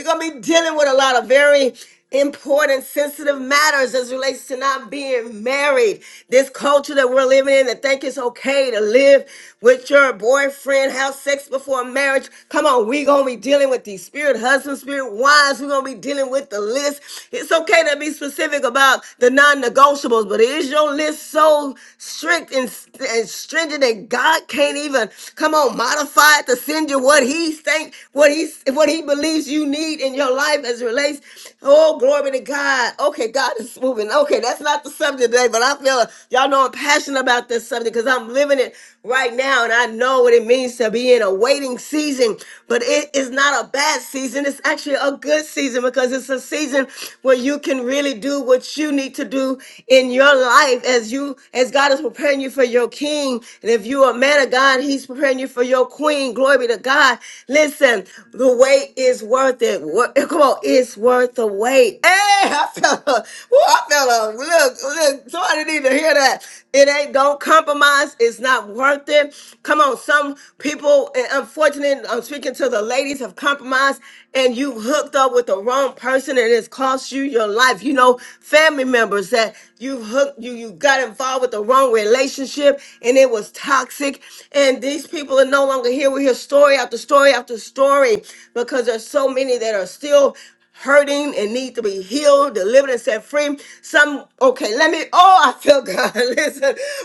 [SPEAKER 1] going to be dealing with a lot of very important, sensitive matters as relates to not being married. This culture that we're living in that think it's okay to live with your boyfriend, have sex before marriage. Come on, we're gonna be dealing with these spirit husbands, spirit wives. We're gonna be dealing with the list. It's okay to be specific about the non non-negotiables, but is your list so strict and, and stringent that God can't even come on modify it to send you what He think, what He what He believes you need in your life as it relates? Oh, glory to God. Okay, God is moving. Okay, that's not the subject today, but I feel y'all know I'm passionate about this subject because I'm living it right now, and I know what it means to be in a waiting season. But it is not a bad season; it's actually a good season because it's a season where you can really do what you need to to do in your life as you as God is preparing you for your king. And if you are a man of God, he's preparing you for your queen. Glory be to God. Listen, the wait is worth it. What, eh, come on, it's worth the wait. Hey, I felt a, woo, I felt a, look, look, somebody need to hear that. It ain't, don't compromise. It's not worth it. Come on, some people, and unfortunately, I'm speaking to the ladies, have compromised and you hooked up with the wrong person and it's cost you your life. You know, family members that you hooked you you got involved with the wrong relationship and it was toxic and these people are no longer here we hear story after story after story because there's so many that are still hurting and need to be healed, delivered, and set free. Some okay, let me. Oh, I feel God. Listen,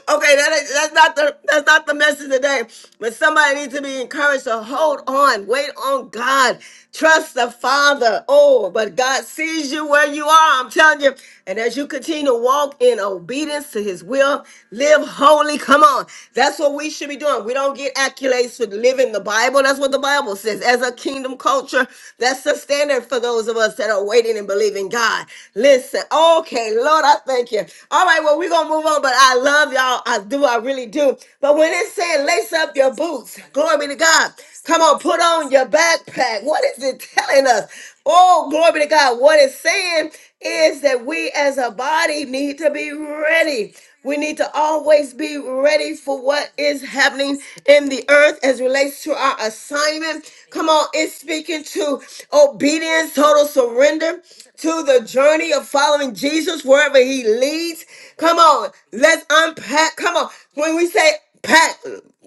[SPEAKER 1] okay, that is, that's not the that's not the message today. But somebody needs to be encouraged to hold on, wait on God, trust the Father. Oh, but God sees you where you are. I'm telling you, and as you continue to walk in obedience to his will, live holy. Come on. That's what we should be doing. We don't get accolades for living the Bible. That's what the Bible says. As a kingdom culture, that's the standard for those of us that are waiting and believing God. Listen. Okay, Lord, I thank you. All right, well, we're going to move on, but I love y'all. I do. I really do. But when it's saying lace up your boots, glory be to God. Come on, put on your backpack. What is it telling us? Oh, glory be to God. What it's saying is that we as a body need to be ready. We need to always be ready for what is happening in the earth as relates to our assignment. Come on, it's speaking to obedience, total surrender to the journey of following Jesus wherever he leads. Come on, let's unpack. Come on, when we say pack,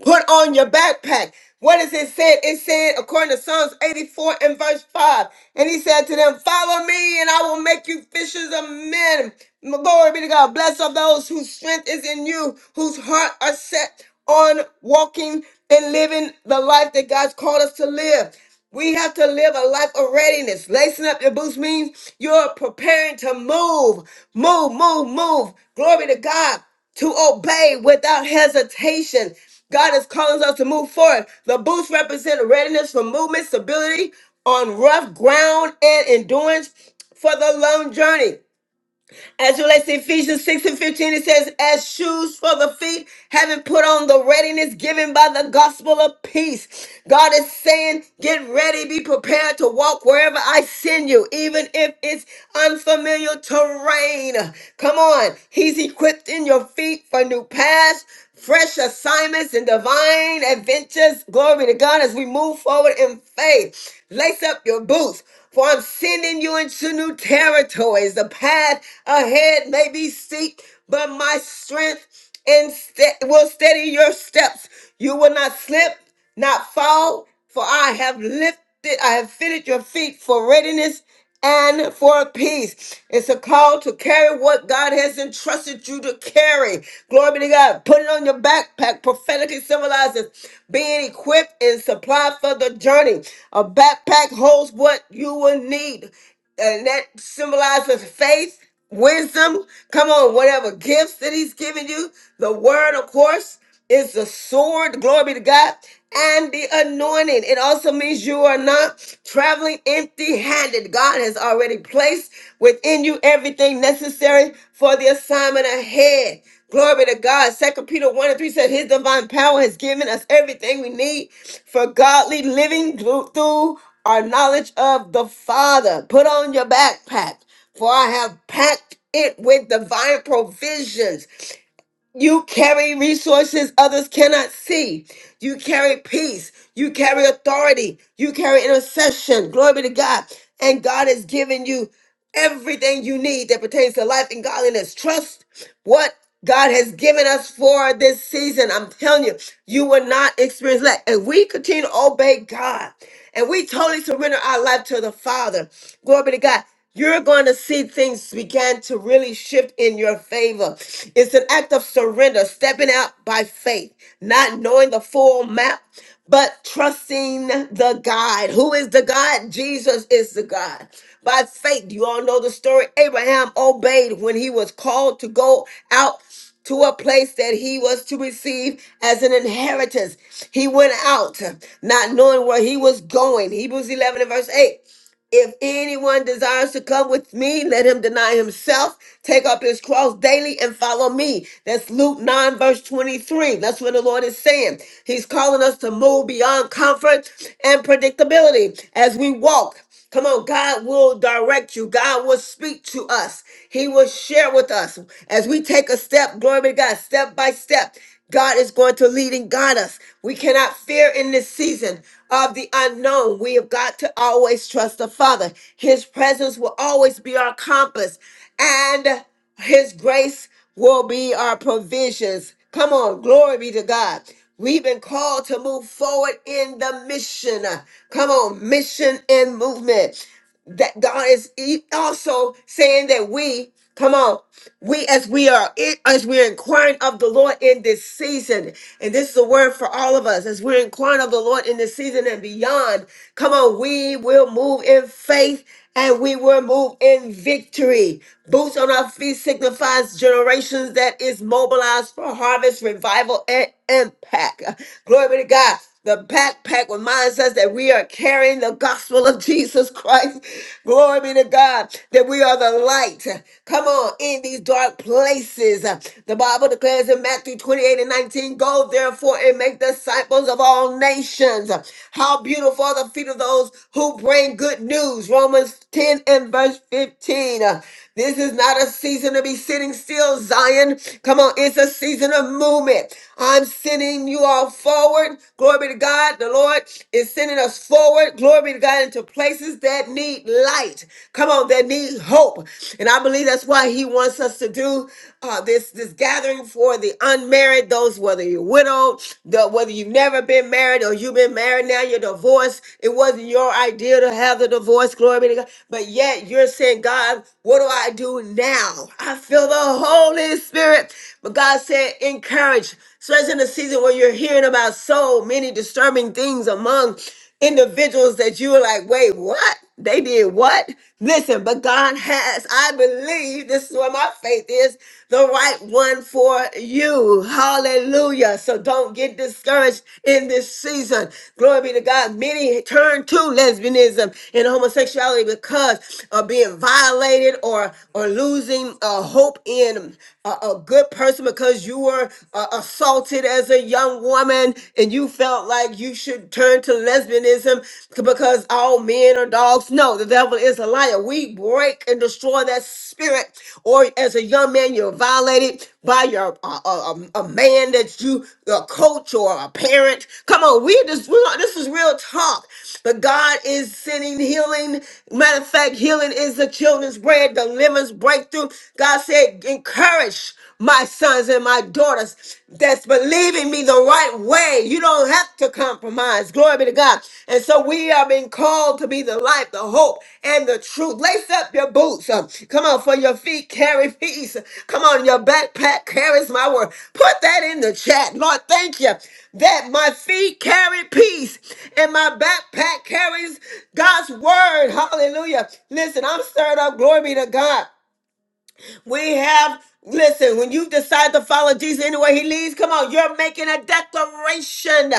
[SPEAKER 1] put on your backpack. What is it said? It said, according to Psalms 84 and verse 5, and he said to them, Follow me, and I will make you fishers of men. Glory be to God. Blessed are those whose strength is in you, whose heart are set on walking and living the life that God's called us to live. We have to live a life of readiness. Lacing up your boots means you're preparing to move, move, move, move. Glory to God to obey without hesitation. God is calling us to move forward. The boots represent readiness for movement, stability on rough ground, and endurance for the long journey. As you let's see Ephesians 6 and 15, it says, as shoes for the feet, having put on the readiness given by the gospel of peace. God is saying, get ready, be prepared to walk wherever I send you, even if it's unfamiliar terrain. Come on. He's equipping your feet for new paths, fresh assignments and divine adventures. Glory to God as we move forward in faith. Lace up your boots, for I'm sending you into new territories. The path ahead may be steep, but my strength and will steady your steps. You will not slip, not fall, for I have lifted, I have fitted your feet for readiness and for peace. It's a call to carry what God has entrusted you to carry. Glory be to God. Put it on your backpack. Prophetically symbolizes being equipped and supplied for the journey. A backpack holds what you will need, and that symbolizes faith, wisdom. Come on, whatever gifts that He's given you, the Word, of course is the sword, glory be to God, and the anointing. It also means you are not traveling empty handed. God has already placed within you everything necessary for the assignment ahead. Glory be to God. Second Peter 1 and 3 said, His divine power has given us everything we need for godly living through through our knowledge of the Father. Put on your backpack, for I have packed it with divine provisions. You carry resources others cannot see. You carry peace. You carry authority. You carry intercession. Glory be to God. And God has given you everything you need that pertains to life and godliness. Trust what God has given us for this season. I'm telling you, you will not experience lack. And we continue to obey God and we totally surrender our life to the Father, glory be to God. You're going to see things begin to really shift in your favor. It's an act of surrender, stepping out by faith, not knowing the full map, but trusting the God. Who is the God? Jesus is the God. By faith, you all know the story. Abraham obeyed when he was called to go out to a place that he was to receive as an inheritance. He went out not knowing where he was going. Hebrews 11 and verse 8. If anyone desires to come with me, let him deny himself, take up his cross daily, and follow me. That's Luke 9, verse 23. That's what the Lord is saying. He's calling us to move beyond comfort and predictability as we walk. Come on, God will direct you. God will speak to us. He will share with us as we take a step, glory be to God, step by step. God is going to lead and guide us. We cannot fear in this season of the unknown. We have got to always trust the Father. His presence will always be our compass, and His grace will be our provisions. Come on, glory be to God. We've been called to move forward in the mission. Come on, mission and movement that God is e- also saying that we come on we as we are in, as we're inquiring of the Lord in this season and this is a word for all of us as we're inquiring of the Lord in this season and beyond come on we will move in faith and we will move in victory. Boots on our feet signifies generations that is mobilized for harvest, revival, and impact. Glory be to God. The backpack reminds us that we are carrying the gospel of Jesus Christ. Glory be to God that we are the light. Come on, in these dark places. The Bible declares in Matthew 28 and 19 Go therefore and make disciples of all nations. How beautiful are the feet of those who bring good news. Romans 10 and verse 15. This is not a season to be sitting still, Zion. Come on, it's a season of movement. I'm sending you all forward. Glory be to God. The Lord is sending us forward. Glory be to God into places that need light. Come on, that need hope. And I believe that's why He wants us to do uh, this this gathering for the unmarried, those whether you're widowed, the, whether you've never been married or you've been married now now you're It wasn't your idea to have the divorce. Glory be to God. But yet you're saying, God, what do I do now? I feel the Holy Spirit. But God said, encourage. Especially in a season where you're hearing about so many disturbing things among individuals that you are like, wait, what? They did what? Listen, but God has, I believe, this is where my faith is, the right one for you. Hallelujah. So don't get discouraged in this season. Glory be to God. Many turn to lesbianism and homosexuality because of being violated or, or losing uh, hope in a, a good person because you were uh, assaulted as a young woman and you felt like like you should turn to lesbianism because all men are dogs. No, the devil is a liar. We break and destroy that spirit. Or as a young man, you're violated by your uh, uh, um, a man that you a coach or a parent. Come on, we just we this is real talk. But God is sending healing. Matter of fact, healing is the children's bread, deliverance, breakthrough. God said, encourage my sons and my daughters and daughters that's believing me the right way. You don't have to compromise. Glory be to God. And so we are being called to be the light, the hope, and the truth. Lace up your boots. Um, come on, for your feet carry peace. Come on, your backpack carries my word. Put that in the chat. Lord, thank you that my feet carry peace and my backpack carries God's word. Hallelujah. Listen, I'm stirred up. Glory be to God. We have, listen, when you decide to follow Jesus anywhere he leads, come on, you're making a declaration.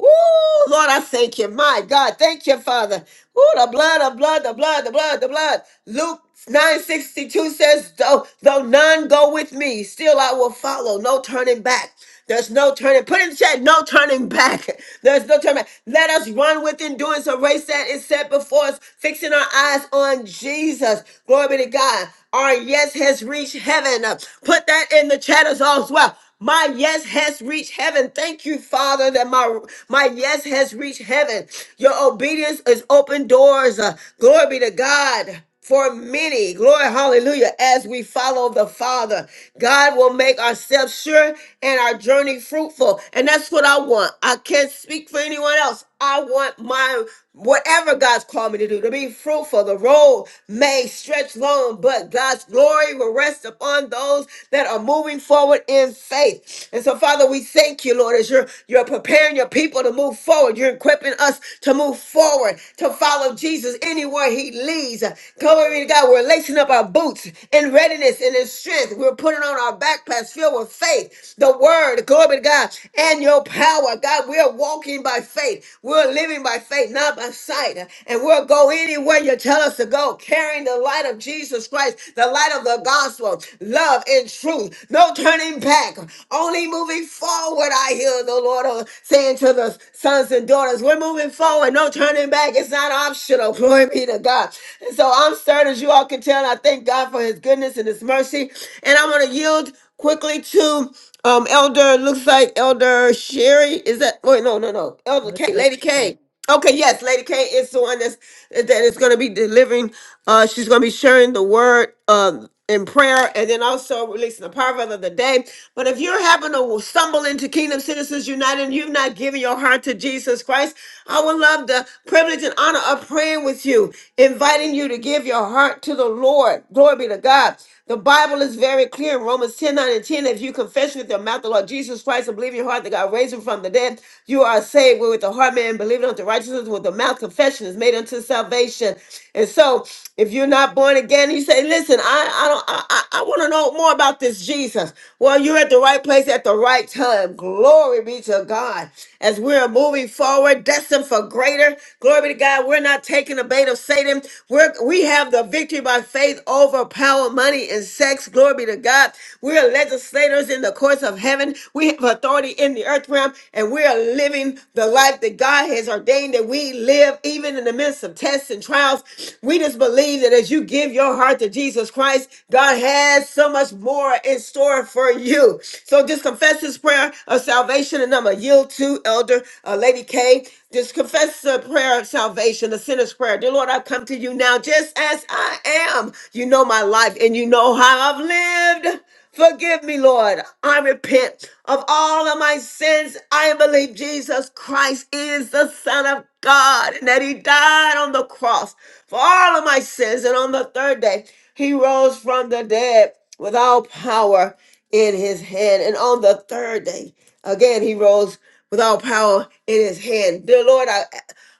[SPEAKER 1] Ooh, Lord, I thank you. My God, thank you, Father. Ooh, the blood, the blood, the blood, the blood, the blood. Luke 962 says, though, though none go with me, still I will follow. No turning back. There's no turning. Put in the chat, no turning back. There's no turning back. Let us run with endurance a race that is set before us, fixing our eyes on Jesus. Glory be to God. Our yes has reached heaven. Uh, Put that in the chat as well. My yes has reached heaven. Thank you, Father, that my my yes has reached heaven. Your obedience is open doors. Uh, glory be to God for many. Glory, hallelujah. As we follow the Father, God will make ourselves sure and our journey fruitful. And that's what I want. I can't speak for anyone else. I want my whatever God's called me to do to be fruitful. The road may stretch long, but God's glory will rest upon those that are moving forward in faith. And so, Father, we thank you, Lord, as you're, you're preparing preparing your people to move forward. You're equipping us to move forward, to follow Jesus anywhere he leads. Glory to God. We're lacing up our boots in readiness and in strength. We're putting on our backpacks filled with faith, the word, glory to God, and your power. God, we're walking by faith. We're living by faith, not by sight. And we'll go anywhere you tell us to go, carrying the light of Jesus Christ, the light of the of the gospel, love and truth. No turning back, only moving forward. I hear the Lord uh, saying to the sons and daughters, we're moving forward, no turning back. It's not optional. Glory be to God. And so I'm stirred, as you all can tell. I thank God for his goodness and his mercy. And I'm going to yield quickly to um Elder, looks like Elder Sherry. Is that, wait, no, no, no. Elder K, Lady K. Okay, yes, Lady K is the one that's that is going to be delivering. Uh, she's going to be sharing the word um in prayer, and then also releasing the proverb of the day. But if you're having to stumble into Kingdom Citizens United, and you've not given your heart to Jesus Christ, I would love the privilege and honor of praying with you, inviting you to give your heart to the Lord. Glory be to God. The Bible is very clear in Romans 10 9 and 10. If you confess with your mouth the Lord Jesus Christ and believe in your heart that God raised him from the dead, you are saved. with the heart man believing unto righteousness, with the mouth confession is made unto salvation. And so, if you're not born again, you say, Listen, I, I don't I, I want to know more about this Jesus. Well, you're at the right place at the right time. Glory be to God. As we're moving forward, destined for greater. Glory be to God. We're not taking the bait of Satan. We're, we have the victory by faith over power, money, and sex. Glory be to God. We're legislators in the courts of heaven. We have authority in the earth realm, and we are living the life that God has ordained that we live, even in the midst of tests and and trials. We just believe that as you give your heart to Jesus Christ, God has so much more in store for you. So just confess this prayer of salvation, and I'm going to yield to Elder uh, Lady K. Just confess the prayer of salvation, the sinner's prayer. Dear Lord, I come to you now just as I am. You know my life, and you know how I've lived. Forgive me, Lord. I repent of all of my sins. I believe Jesus Christ is the Son of God and that He died on the cross for all of my sins. And on the third day, He rose from the dead with all power in His hand. And on the third day, again, He rose with all power in His hand. Dear Lord, I,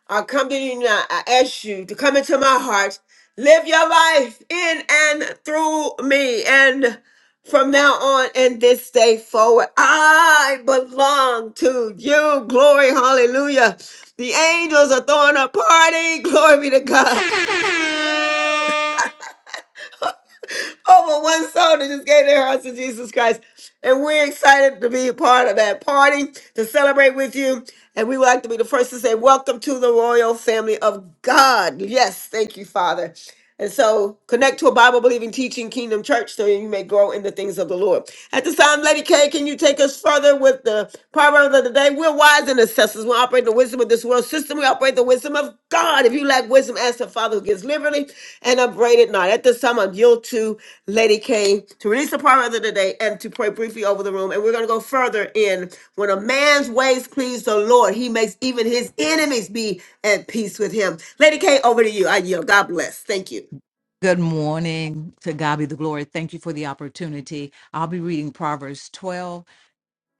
[SPEAKER 1] I come to you now. I ask you to come into my heart. Live your life in and through me. And from now on and this day forward. I belong to you. Glory, hallelujah. The angels are throwing a party. Glory be to God over one soul that just gave their hearts to Jesus Christ. And we're excited to be a part of that party to celebrate with you. And we would like to be the first to say, Welcome to the royal family of God. Yes, thank you, Father. And so connect to a Bible believing teaching kingdom church so you may grow in the things of the Lord. At this time, Lady K, can you take us further with the proverb of the day? We'll wise and assessors. We operate the wisdom of this world system. We operate the wisdom of God. If you lack wisdom, ask the Father who gives liberally and upbraid it not. At this time, I'm yield to Lady K to release the power of the day and to pray briefly over the room. And we're going to go further in when a man's ways please the Lord, he makes even his enemies be at peace with him. Lady K, over to you. I yield. God bless. Thank you.
[SPEAKER 5] morning. To God be the glory. Thank you for the opportunity. I'll be reading Proverbs 12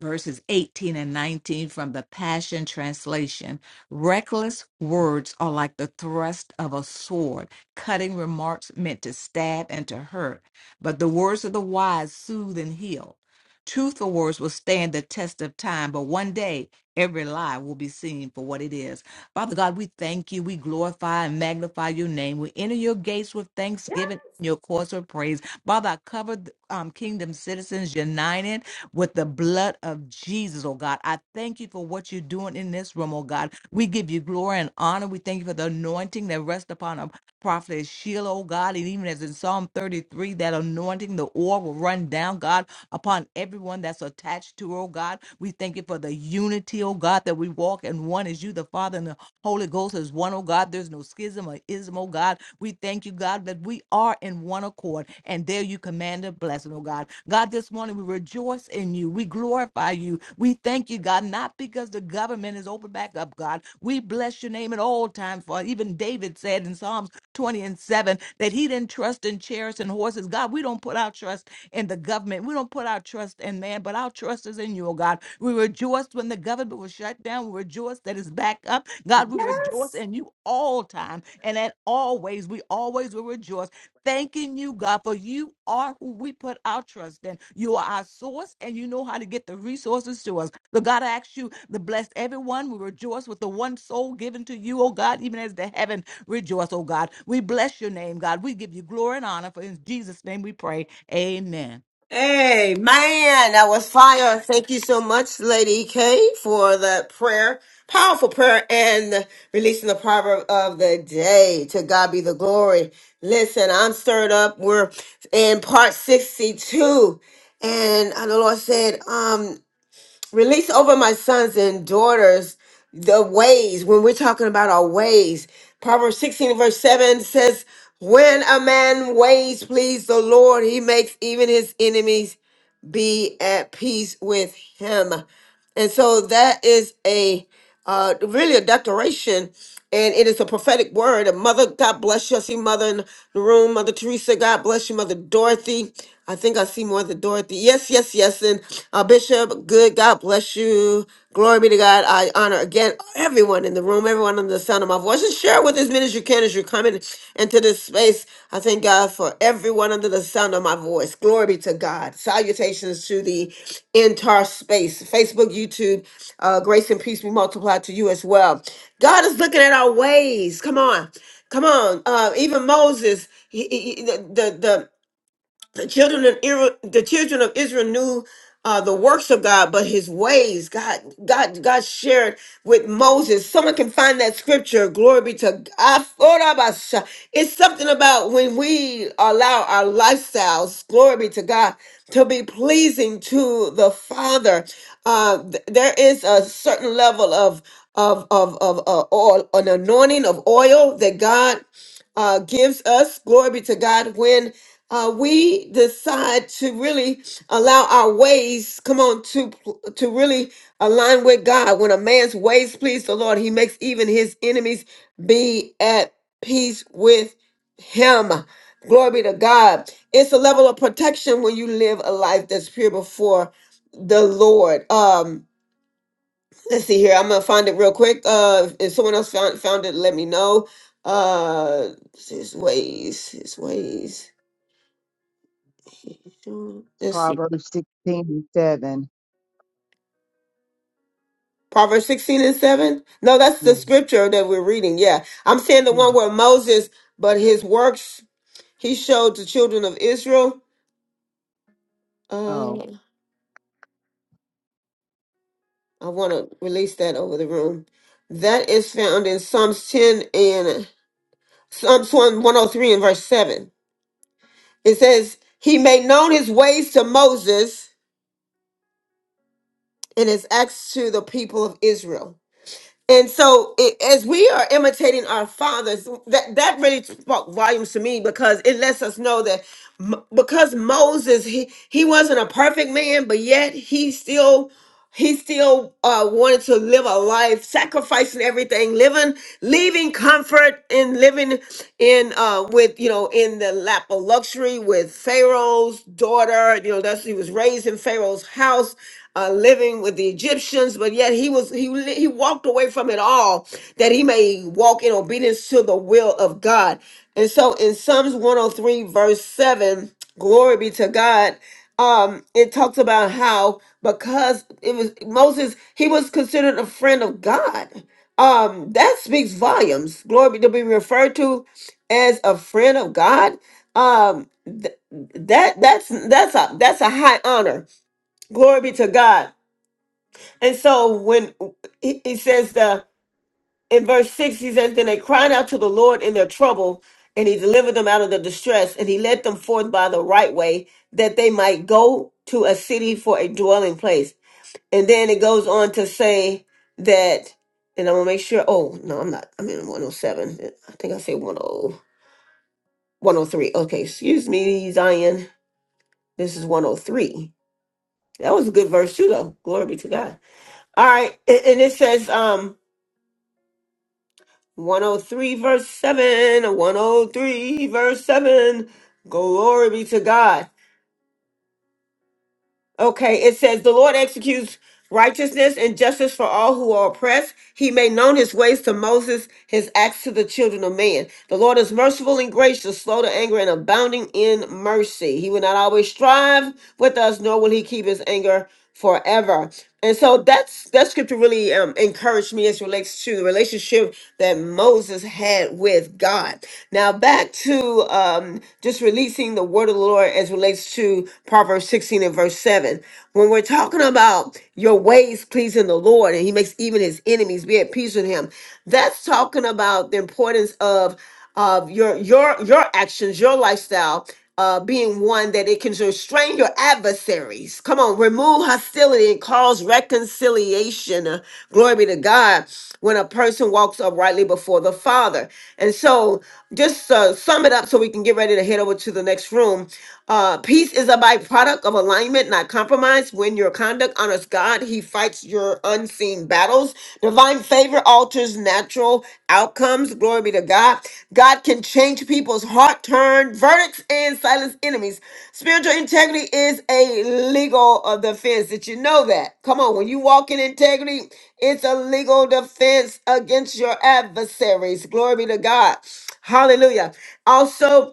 [SPEAKER 5] verses 18 and 19 from the Passion Translation. Reckless words are like the thrust of a sword, cutting remarks meant to stab and to hurt. But the words of the wise soothe and heal. Truthful words will stand the test of time, but one day every lie will be seen for what it is. Father God, we thank you. We glorify and magnify your name. We enter your gates with thanksgiving and your courts with praise. Father, I cover um, Kingdom Citizens United with the blood of Jesus, oh God. I thank you for what you're doing in this room, oh God. We give you glory and honor. We thank you for the anointing that rests upon a prophet Sheila, oh God. And even as in Psalm 33, that anointing, the oil will run down, God, upon everyone that's attached to her, oh God. We thank you for the unity, oh God, that we walk in one as you, the Father, and the Holy Ghost is one, oh God. There's no schism or ism, oh God. We thank you, God, that we are in one accord. And there you command a blessing, oh God. God, this morning we rejoice in you. We glorify you. We thank you, God, not because the government is open back up, God. We bless your name at all times. For even David said in Psalms 20 and 7 that he didn't trust in chariots and horses. God, we don't put our trust in the government. We don't put our trust in man, but our trust is in you, oh God. We rejoiced when the government was shut down. We rejoiced that it's back up. God, we rejoice in you all time and at always. We always will rejoice. Thanking you, God, for you are who we put our trust in. You are our source and you know how to get the resources to us. So God, I ask you to bless everyone. We rejoice with the one soul given to you, oh God, even as the heaven Rejoice, oh God. We bless your name, God. We give you glory and honor. For in Jesus' name we pray. Amen.
[SPEAKER 1] Hey man, that was fire. Thank you so much, Lady E K, for the prayer, powerful prayer, and the- releasing the proverb of the day. To God be the glory. Listen, I'm stirred up. We're in part 62. And uh, the Lord said, um, release over my sons and daughters the ways. When we're talking about our ways, Proverbs 16, verse 7 says, When a man ways please the Lord, he makes even his enemies be at peace with him. And so that is a uh, really a declaration, and it is a prophetic word. And Mother, God bless you. I see Mother in the room. Mother Teresa, God bless you. Mother Dorothy, I think I see more than Dorothy. Yes, yes, yes. And uh, Bishop, good. God bless you. Glory be to God. I honor again everyone in the room, everyone on the the sound of my voice. And share with as many as you can as you come in into this space. I thank God for everyone under the sound of my voice. Glory be to God. Salutations to the entire space. Facebook, YouTube, uh, grace and peace be multiplied to you as well. God is looking at our ways. Come on. Come on. Uh, even Moses, he, he- he- the, the, the the children of Israel, the children of Israel knew uh, the works of God, but His ways. God, God, God shared with Moses. Someone can find that scripture. Glory be to God. Orabasha. It's something about when we allow our lifestyles. Glory be to God to be pleasing to the Father. Uh, th- there is a certain level of of of of uh, oil, an anointing of oil that God uh, gives us. Glory be to God when uh, we decide to really allow our ways come on to to really align with god when a man's ways please the lord he makes even his enemies be at peace with him glory be to god it's a level of protection when you live a life that's pure before the lord um let's see here i'm gonna find it real quick uh if if someone else found found it let me know uh his ways his ways It's
[SPEAKER 10] Proverbs 16 and 7.
[SPEAKER 1] Proverbs 16 and 7. No, that's
[SPEAKER 10] Yeah.
[SPEAKER 1] the scripture that we're reading. Yeah. I'm saying the one where Moses, but his works he showed the children of Israel.
[SPEAKER 10] Oh,
[SPEAKER 1] Uh, I want to release that over the room. That is found in Psalms 10 and Psalms 1 103 and verse 7. It says, He made known his ways to Moses and his acts to the people of Israel. And so, it, as we are imitating our fathers, that that really spoke volumes to me because it lets us know that M- because Moses he he wasn't a perfect man, but yet he still he still uh, wanted to live a life sacrificing everything living leaving comfort and living in uh, with you know in the lap of luxury with pharaoh's daughter you know that's he was raised in pharaoh's house uh, living with the Egyptians, but yet he was he li- he walked away from it all that he may walk in obedience to the will of God. And so in Psalms 103 verse 7, glory be to God, um it talks about how because it was moses he was considered a friend of god um that speaks volumes glory be to be referred to as a friend of god um th- that that's that's a that's a high honor glory be to god and so when he, he says the in verse 6 he says then they cried out to the lord in their trouble and he delivered them out of their distress and he led them forth by the right way that they might go to a city for a dwelling place and then it goes on to say that and i'm gonna make sure oh no i'm not i'm in 107 i think i say one o one o three. okay excuse me zion this is 103 that was a good verse too though glory be to god all right and and it says um 103 verse 7 103 verse 7 glory be to god okay it says the lord executes righteousness and justice for all who are oppressed. He made known his ways to Moses, his acts to the children of man. The Lord is merciful and gracious, slow to anger, and abounding in mercy. He will not always strive with us, nor will he keep his anger forever. And so that's that scripture really um, encouraged me as relates to the relationship that Moses had with God. Now back to um, just releasing the word of the Lord as relates to Proverbs 16 and verse 7. When we're talking about your ways pleasing the Lord and he makes even his enemies be at peace with him, that's talking about the importance of of your your your actions, your lifestyle uh, being one that it can restrain your adversaries. Come on, remove hostility and cause reconciliation. Uh, glory be to God when a person walks uprightly before the Father. And so, just uh, sum it up so we can get ready to head over to the next room. Uh, peace is a byproduct of alignment, not compromise. When your conduct honors God, He fights your unseen battles. Divine favor alters natural outcomes. Glory be to God. God can change people's heart, turn verdicts, and silence enemies. Spiritual integrity is a legal uh, defense. Did you know that? Come on, when you walk in integrity, it's a legal defense against your adversaries. Glory be to God. Hallelujah. Also,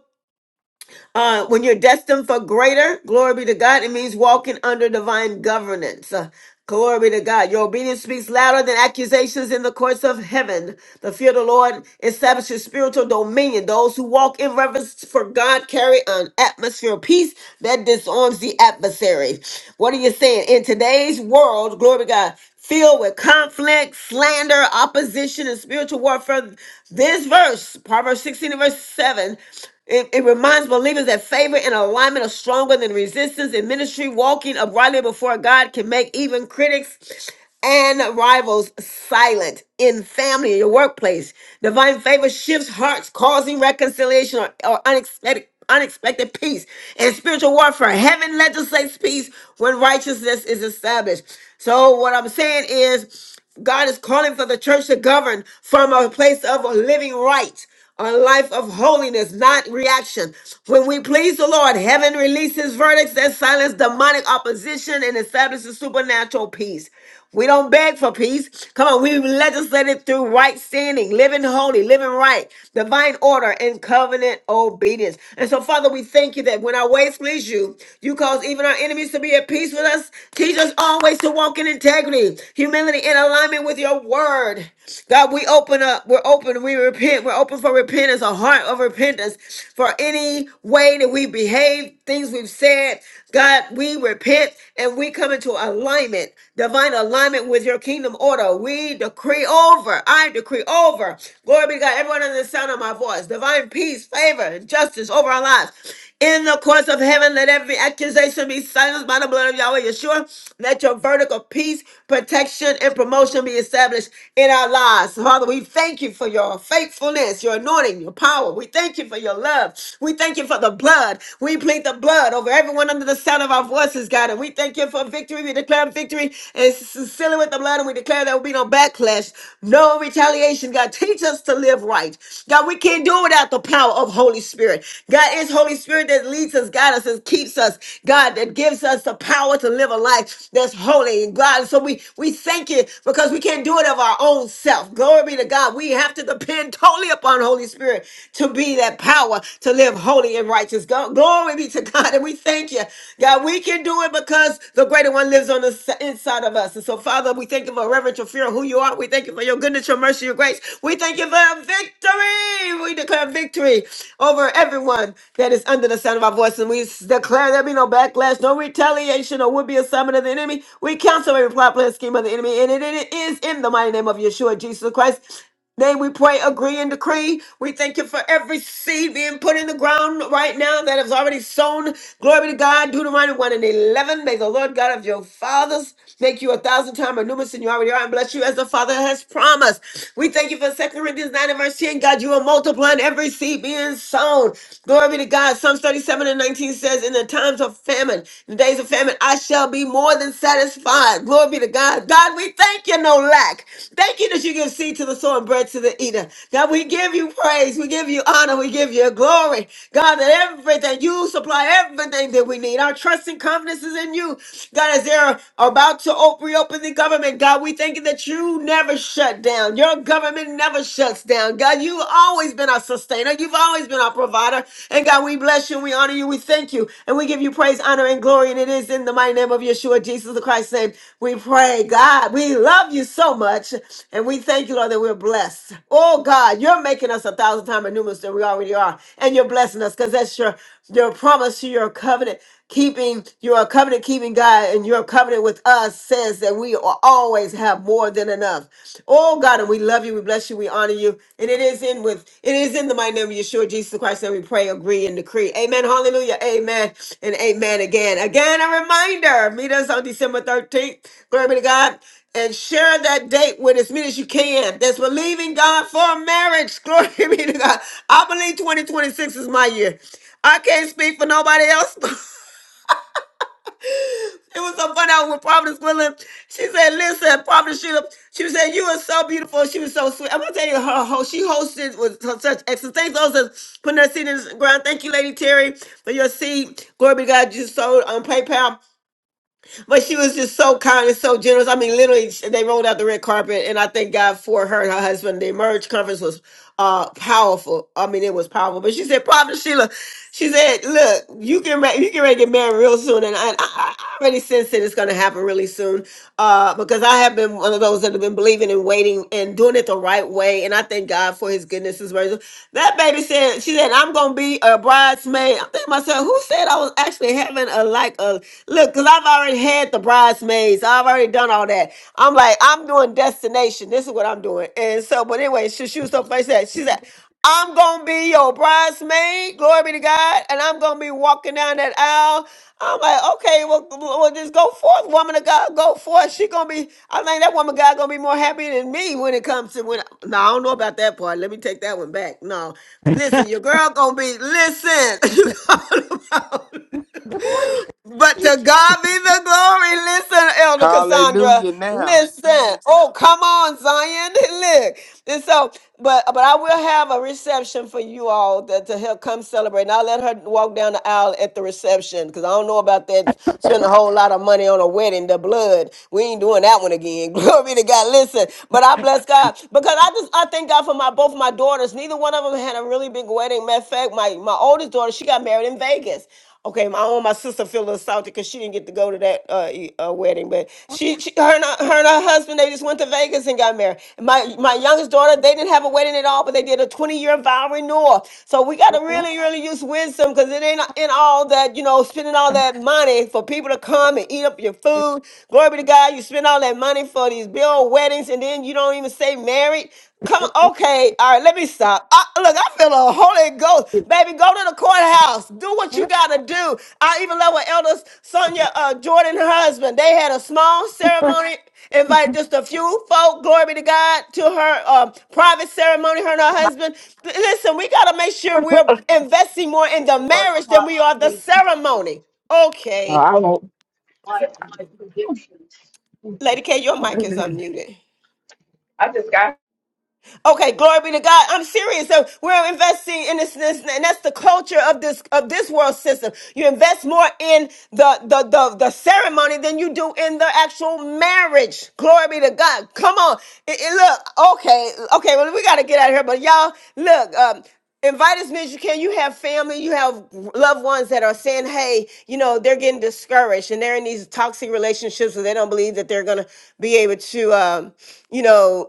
[SPEAKER 1] uh, when you're destined for greater, glory be to God, it means walking under divine governance. Uh, glory be to God. Your obedience speaks louder than accusations in the courts of heaven. The fear of the Lord establishes spiritual dominion. Those who walk in reverence for God carry an atmosphere of peace that disarms the adversary. What are you saying? In today's world, glory be to God, filled with conflict, slander, opposition, and spiritual warfare. This verse, Proverbs 16 and verse 7, it, it reminds believers that favor and alignment are stronger than resistance in ministry. Walking uprightly before God can make even critics and rivals silent in family, your workplace. Divine favor shifts hearts, causing reconciliation or, or unexpected unexpected peace. In spiritual warfare, heaven legislates peace when righteousness is established. So, what I'm saying is, God is calling for the church to govern from a place of a living right, a life of holiness, not reaction. When we please the Lord, heaven releases verdicts that silence demonic opposition and establishes supernatural peace. We don't beg for peace. Come on, we legislate it through right standing, living holy, living right, divine order, and covenant obedience. And so, Father, we thank you that when our ways please you, you cause even our enemies to be at peace with us. Teach us always to walk in integrity, humility, and alignment with your word. God, we open up. We're open. We repent. We're open for repentance, a heart of repentance for any way that we behave, things we've said. God, we repent repent and we come into alignment, divine alignment with your kingdom order. We decree over, I decree over. Glory be to God, everyone under the sound of my voice. Divine peace, favor, and justice over our lives. In the courts of heaven, let every accusation be silenced by the blood of Yahweh Yeshua. Let your vertical peace, protection, and promotion be established in our lives. Father, we thank you for your faithfulness, your anointing, your power. We thank you for your love. We thank you for the blood we plead the blood over everyone under the sound of our voices, God. And we thank you for victory. We declare victory and seal with the blood. And we declare there will be no backlash, no retaliation. God, teach us to live right. God, we can't do it without the power of Holy Spirit. God It's Holy Spirit that leads us, guides us, and keeps us. God, that gives us the power to live a life that's holy. And God, so we, we thank you because we can't do it of our own self. Glory be to God. We have to depend totally upon Holy Spirit to be that power to live holy and righteous. God, glory be to God. And we thank you. God, we can do it because the greater one lives on the s- inside of us. And so, Father, we thank you for reverential fear of who you are. We thank you for your goodness, your mercy, your grace. We thank you for victory. We declare victory over everyone that is under the sound of our voice. And we s- declare there be no backlash, no retaliation, or would be assignment of the enemy. We cancel every plot, plan, scheme of the enemy. And it it is in the mighty name of Yeshua, Jesus Christ. Then we pray, agree, and decree. We thank you for every seed being put in the ground right now that is already sown. Glory be to God. Deuteronomy 1 and 11. May the Lord God of your fathers make you a thousand times more numerous than you already are and bless you as the Father has promised. We thank you for Second Corinthians 9 and verse 10. God, you are multiplying every seed being sown. Glory be to God. Psalms 37 and 19 says, In the times of famine, in the days of famine, I shall be be more than satisfied. Glory be to God. God, we thank you, no lack. Thank you that you give seed to the sower and bread to the eater. God, we give you praise. We give you honor. We give you glory. God, that everything, you supply everything that we need. Our trust and confidence is in you. God, as they're about to op- reopen the government, God, we thank you that you never shut down. Your government never shuts down. God, you've always been our sustainer. You've always been been our provider. And God, we bless you, we honor you, we thank you, and we give you praise, honor, and glory. And it is in the mighty name of Yeshua, Jesus the Christ's name, we pray. God, we love you so much, and we thank you, Lord, that we're blessed. Oh God, you're making us a thousand times more numerous than we already are, and you're blessing us because that's your your promise to your covenant keeping. You're a covenant keeping God, and your covenant with us says that we are always have more more than enough. Oh God, and we love you, we bless you, we honor you. And it is in with it is in the mighty name of Yeshua Jesus Christ that we pray, agree, and decree. Amen. Hallelujah. Amen. And amen again. Again, a reminder. Meet us on December 13th. Glory be to God. And share that date with as many as you can. That's believing God for marriage. Glory be to God. I believe 2026 is my year. I can't speak for nobody else. It was so funny. I was with Providence Gwendolyn. She said, listen, Providence Sheila, she was saying, you were so beautiful. She was so sweet. I'm going to tell you, her, ho she hosted with her such excellence. Thanks also putting her seat in the ground. Thank you, Lady Terry, for your seat. Glory be to God. You sold on PayPal but she was just so kind and so generous. I mean, literally, sh- they rolled out the red carpet, and I thank God for her and her husband. The Emerge conference was uh powerful. I mean, it was powerful. But she said, "Prophet Sheila," she said, "Look, you can you can ready to get married real soon, and I, I, I already sense that it's going to happen really soon." uh, because I have been one of those that have been believing and waiting and doing it the right way. And I thank God for his goodness, his mercy. That baby said, she said, I'm going to be a bridesmaid. I'm thinking to myself, who said I was actually having a, like a, look, because I've already had the bridesmaids. I've already done all that. I'm like, I'm doing destination. This is what I'm doing. And so, but anyway, she, she was so funny. She said, she said, I'm gonna be your bridesmaid, glory be to God, and I'm gonna be walking down that aisle. I'm like, okay, well, well, just go forth, woman of God, go forth. She gonna be, I think that woman of God gonna be more happy than me when it comes to when. No, I don't know about that part. Let me take that one back. No, listen, your girl gonna be listen.
[SPEAKER 5] Good morning.
[SPEAKER 1] But to God be the glory. Listen, Elder Cassandra.
[SPEAKER 9] Hallelujah now.
[SPEAKER 1] Listen. Oh, come on, Zion. Look. And so, but but I will have a reception for you all that to help come celebrate. And I'll let her walk down the aisle at the reception because I don't know about that. Spend a whole lot of money on a wedding, the blood. We ain't doing that one again. Glory to God. Listen. But I bless God. Because I just I thank God for my both my daughters. Neither one of them had a really big wedding. Matter of fact, my, my oldest daughter, she got married in Vegas. Okay, my own my sister feel assaulted because she didn't get to go to that uh, e- uh wedding, but she, she her and her, her and her husband they just went to Vegas and got married. My my youngest daughter they didn't have a wedding at all, but they did a twenty year vow renewal. So we got to really really use wisdom because it ain't in all that you know spending all that money for people to come and eat up your food. Glory be to God, you spend all that money for these bill weddings and then you don't even say married. Come on, okay, all right, let me stop. I, look, I feel a Holy Ghost. Baby, go to the courthouse. Do what you got to do. I even love what Elder Sonia uh, Jordan and her husband, they had a small ceremony, invited just a few folk, glory be to God, to her um, private ceremony, her and her husband. L- listen, we got to make sure we're investing more in the
[SPEAKER 5] Lord,
[SPEAKER 1] marriage than
[SPEAKER 5] God,
[SPEAKER 1] we are the
[SPEAKER 5] to my,
[SPEAKER 1] ceremony. Okay.
[SPEAKER 5] my predictions.
[SPEAKER 1] Lady K, your mic is unmuted.
[SPEAKER 5] I just got
[SPEAKER 1] Okay, glory be to God. I'm serious. So we're investing in this, this and that's the culture of this of this world system. You invest more in the the the, the ceremony than you do in the actual marriage. Glory be to God. Come on. It- it- look, okay, okay, well, we gotta get out of here, but y'all, look, um, invite as many as you can. You have family, you have loved ones that are saying, hey, you know, they're getting discouraged and they're in these toxic relationships where they don't believe that they're going to be able to, um, you know,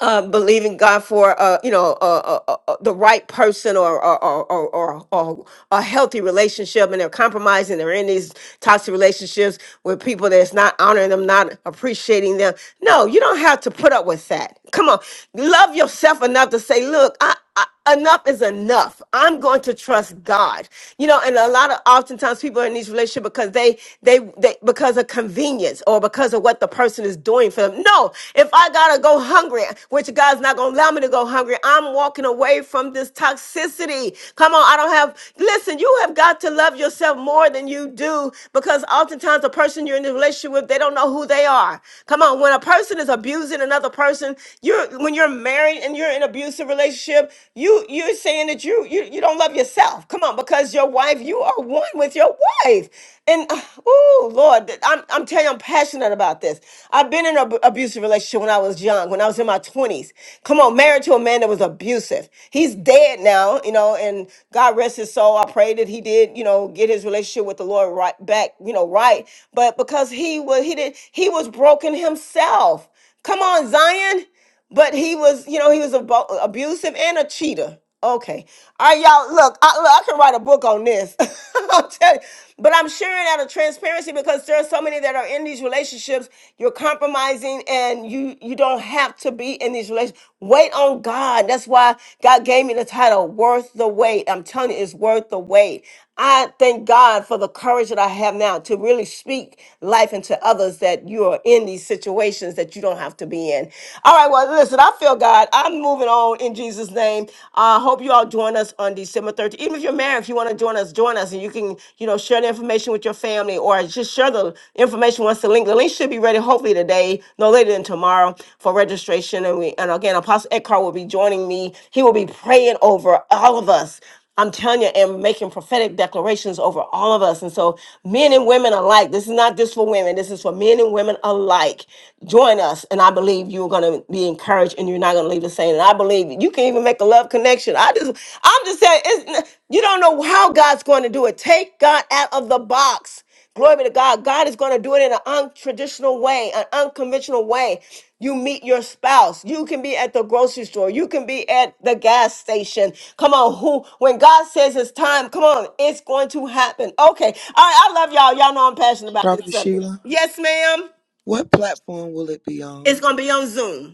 [SPEAKER 1] uh, believing God for uh, you know uh, uh, uh, uh, the right person or or, or or or or a healthy relationship, and they're compromising. They're in these toxic relationships with people that's not honoring them, not appreciating them. No, you don't have to put up with that. Come on, love yourself enough to say, "Look, I." I- enough is enough. I'm going to trust God. You know, and a lot of oftentimes people are in these relationships because they, they, they, because of convenience or because of what the person is doing for them. No, if I gotta go hungry, which God's not gonna allow me to go hungry, I'm walking away from this toxicity. Come on, I don't have, listen, you have got to love yourself more than you do because oftentimes the person you're in the relationship with, they don't know who they are. Come on, when a person is abusing another person, you're, when you're married, married and you're in an abusive relationship, you you're saying that you you you don't love yourself. Come on, because your wife, you are one with your wife. And oh Lord, that- I'm I'm telling you, I'm passionate about this. I've been in an abusive relationship when I was young, when I was in my 20s. Come on, married to a man that was abusive. He's dead now, you know, and God rest his soul. I pray that he did, you know, get his relationship with the Lord right back, you know, right. But because he was he did he was broken himself. Come on, Zion but he was, you know, he was abo- abusive and a cheater. Okay. All right, y'all. Look, I, look, I can write a book on this. I'll tell you. But I'm sharing out of transparency because there are so many that are in these relationships. You're compromising, and you you don't have to be in these relationships. Wait on God. That's why God gave me the title "Worth the Wait." I'm telling you, it's worth the wait. I thank God for the courage that I have now to really speak life into others that you are in these situations that you don't have to be in. All right, well, listen, I feel God. I'm moving on in Jesus' name. I hope you all join us on December 13th. Even if you're married, if you want to join us, join us. And you can, you know, share the information with your family or just share the information once the link. The link should be ready hopefully today, no later than tomorrow for registration. And we and again, Apostle Eckhart will be joining me. He will be praying over all of us. I'm telling you, and making prophetic declarations over all of us. And so, men and women alike, this is not just for women, this is for men and women alike. Join us, and I believe you're going to be encouraged and you're not going to leave the same. And I believe you can even make a love connection. I just, I'm just saying, it's, you don't know how God's going to do it. Take God out of the box. Glory be to God. God is going to do it in an untraditional way, an unconventional way. You meet your spouse. You can be at the grocery store. You can be at the gas station. Come on, who? When God says it's time, come on, it's going to happen. Okay, all right. I love y'all. Y'all know I'm passionate about this
[SPEAKER 9] Prophet
[SPEAKER 1] subject.
[SPEAKER 9] Sheila,
[SPEAKER 1] Yes, ma'am.
[SPEAKER 9] what platform will it be
[SPEAKER 1] It's
[SPEAKER 9] on?
[SPEAKER 1] going to be on Zoom.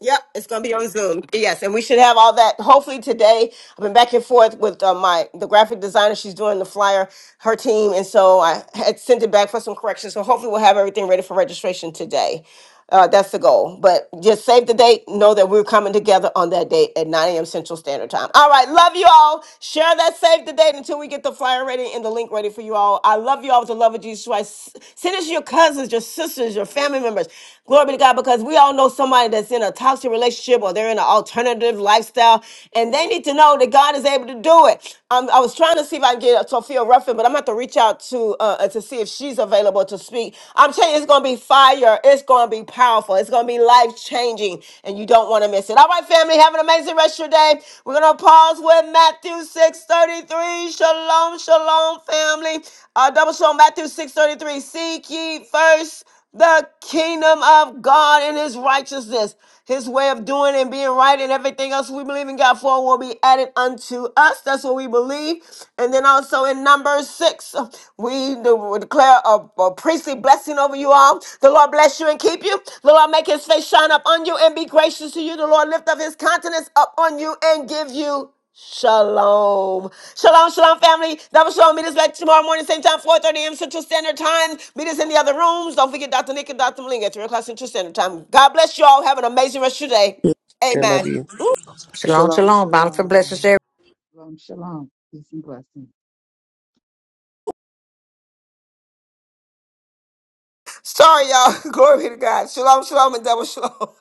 [SPEAKER 1] Yep, it's going to be on Zoom. Yes, and we should have all that hopefully today. I've been back and forth with uh, my the graphic designer. She's doing the flyer, her team, and so I had sent it back for some corrections. So hopefully we'll have everything ready for registration today. Uh, that's the goal. But just save the date. Know that we're coming together on that date at 9 a.m. Central Standard Time. All right, love you all. Share that save the date until we get the flyer ready and the link ready for ready for you all. I love you all with the love of Jesus Christ. S- Send us your cousins, your sisters, your family members. Glory be to God, because we all know somebody that's in a toxic relationship or they're in an alternative lifestyle, and they need to know that God is able to do it. Um, I was trying to see if I can get Sophia Ruffin, but I'm going to have to reach out to uh, to see if she's available to speak. I'm telling you, it's going to be fire. It's going to be powerful. It's going to be life changing, and you don't you don't want to miss it. All right, family, have an amazing rest of your day. We're going to pause with Matthew 6.33. Shalom, shalom, family. Uh, double shalom, Matthew 6.33. Seek ye first the kingdom of God and his righteousness, his way of doing and being right, and everything else we believe in God for will be added unto us. That's what we believe. And then also in numbers six. We do- declare a, a priestly blessing over you all. The Lord bless you and keep you. The Lord make his face shine up on you and be gracious to you. The Lord lift up his countenance up on you and give you shalom. Shalom, shalom, family. Double shalom. Meet us back tomorrow morning, same time, 4.30 a.m. Central Standard Time. Meet us in the other rooms. Don't forget Dr. Nick and Dr. Malinga at 3 o'clock Central Standard Time. God bless you all. Have an amazing rest of your day.
[SPEAKER 7] you. Sister, love
[SPEAKER 1] Amen.
[SPEAKER 7] you.
[SPEAKER 2] Shalom,
[SPEAKER 9] Shalom,
[SPEAKER 2] shalom. Bountiful blessings to
[SPEAKER 9] shalom.
[SPEAKER 10] shalom, shalom. Peace and blessings.
[SPEAKER 1] Sorry, y'all. Glory be to God. Shalom, shalom, and double shalom.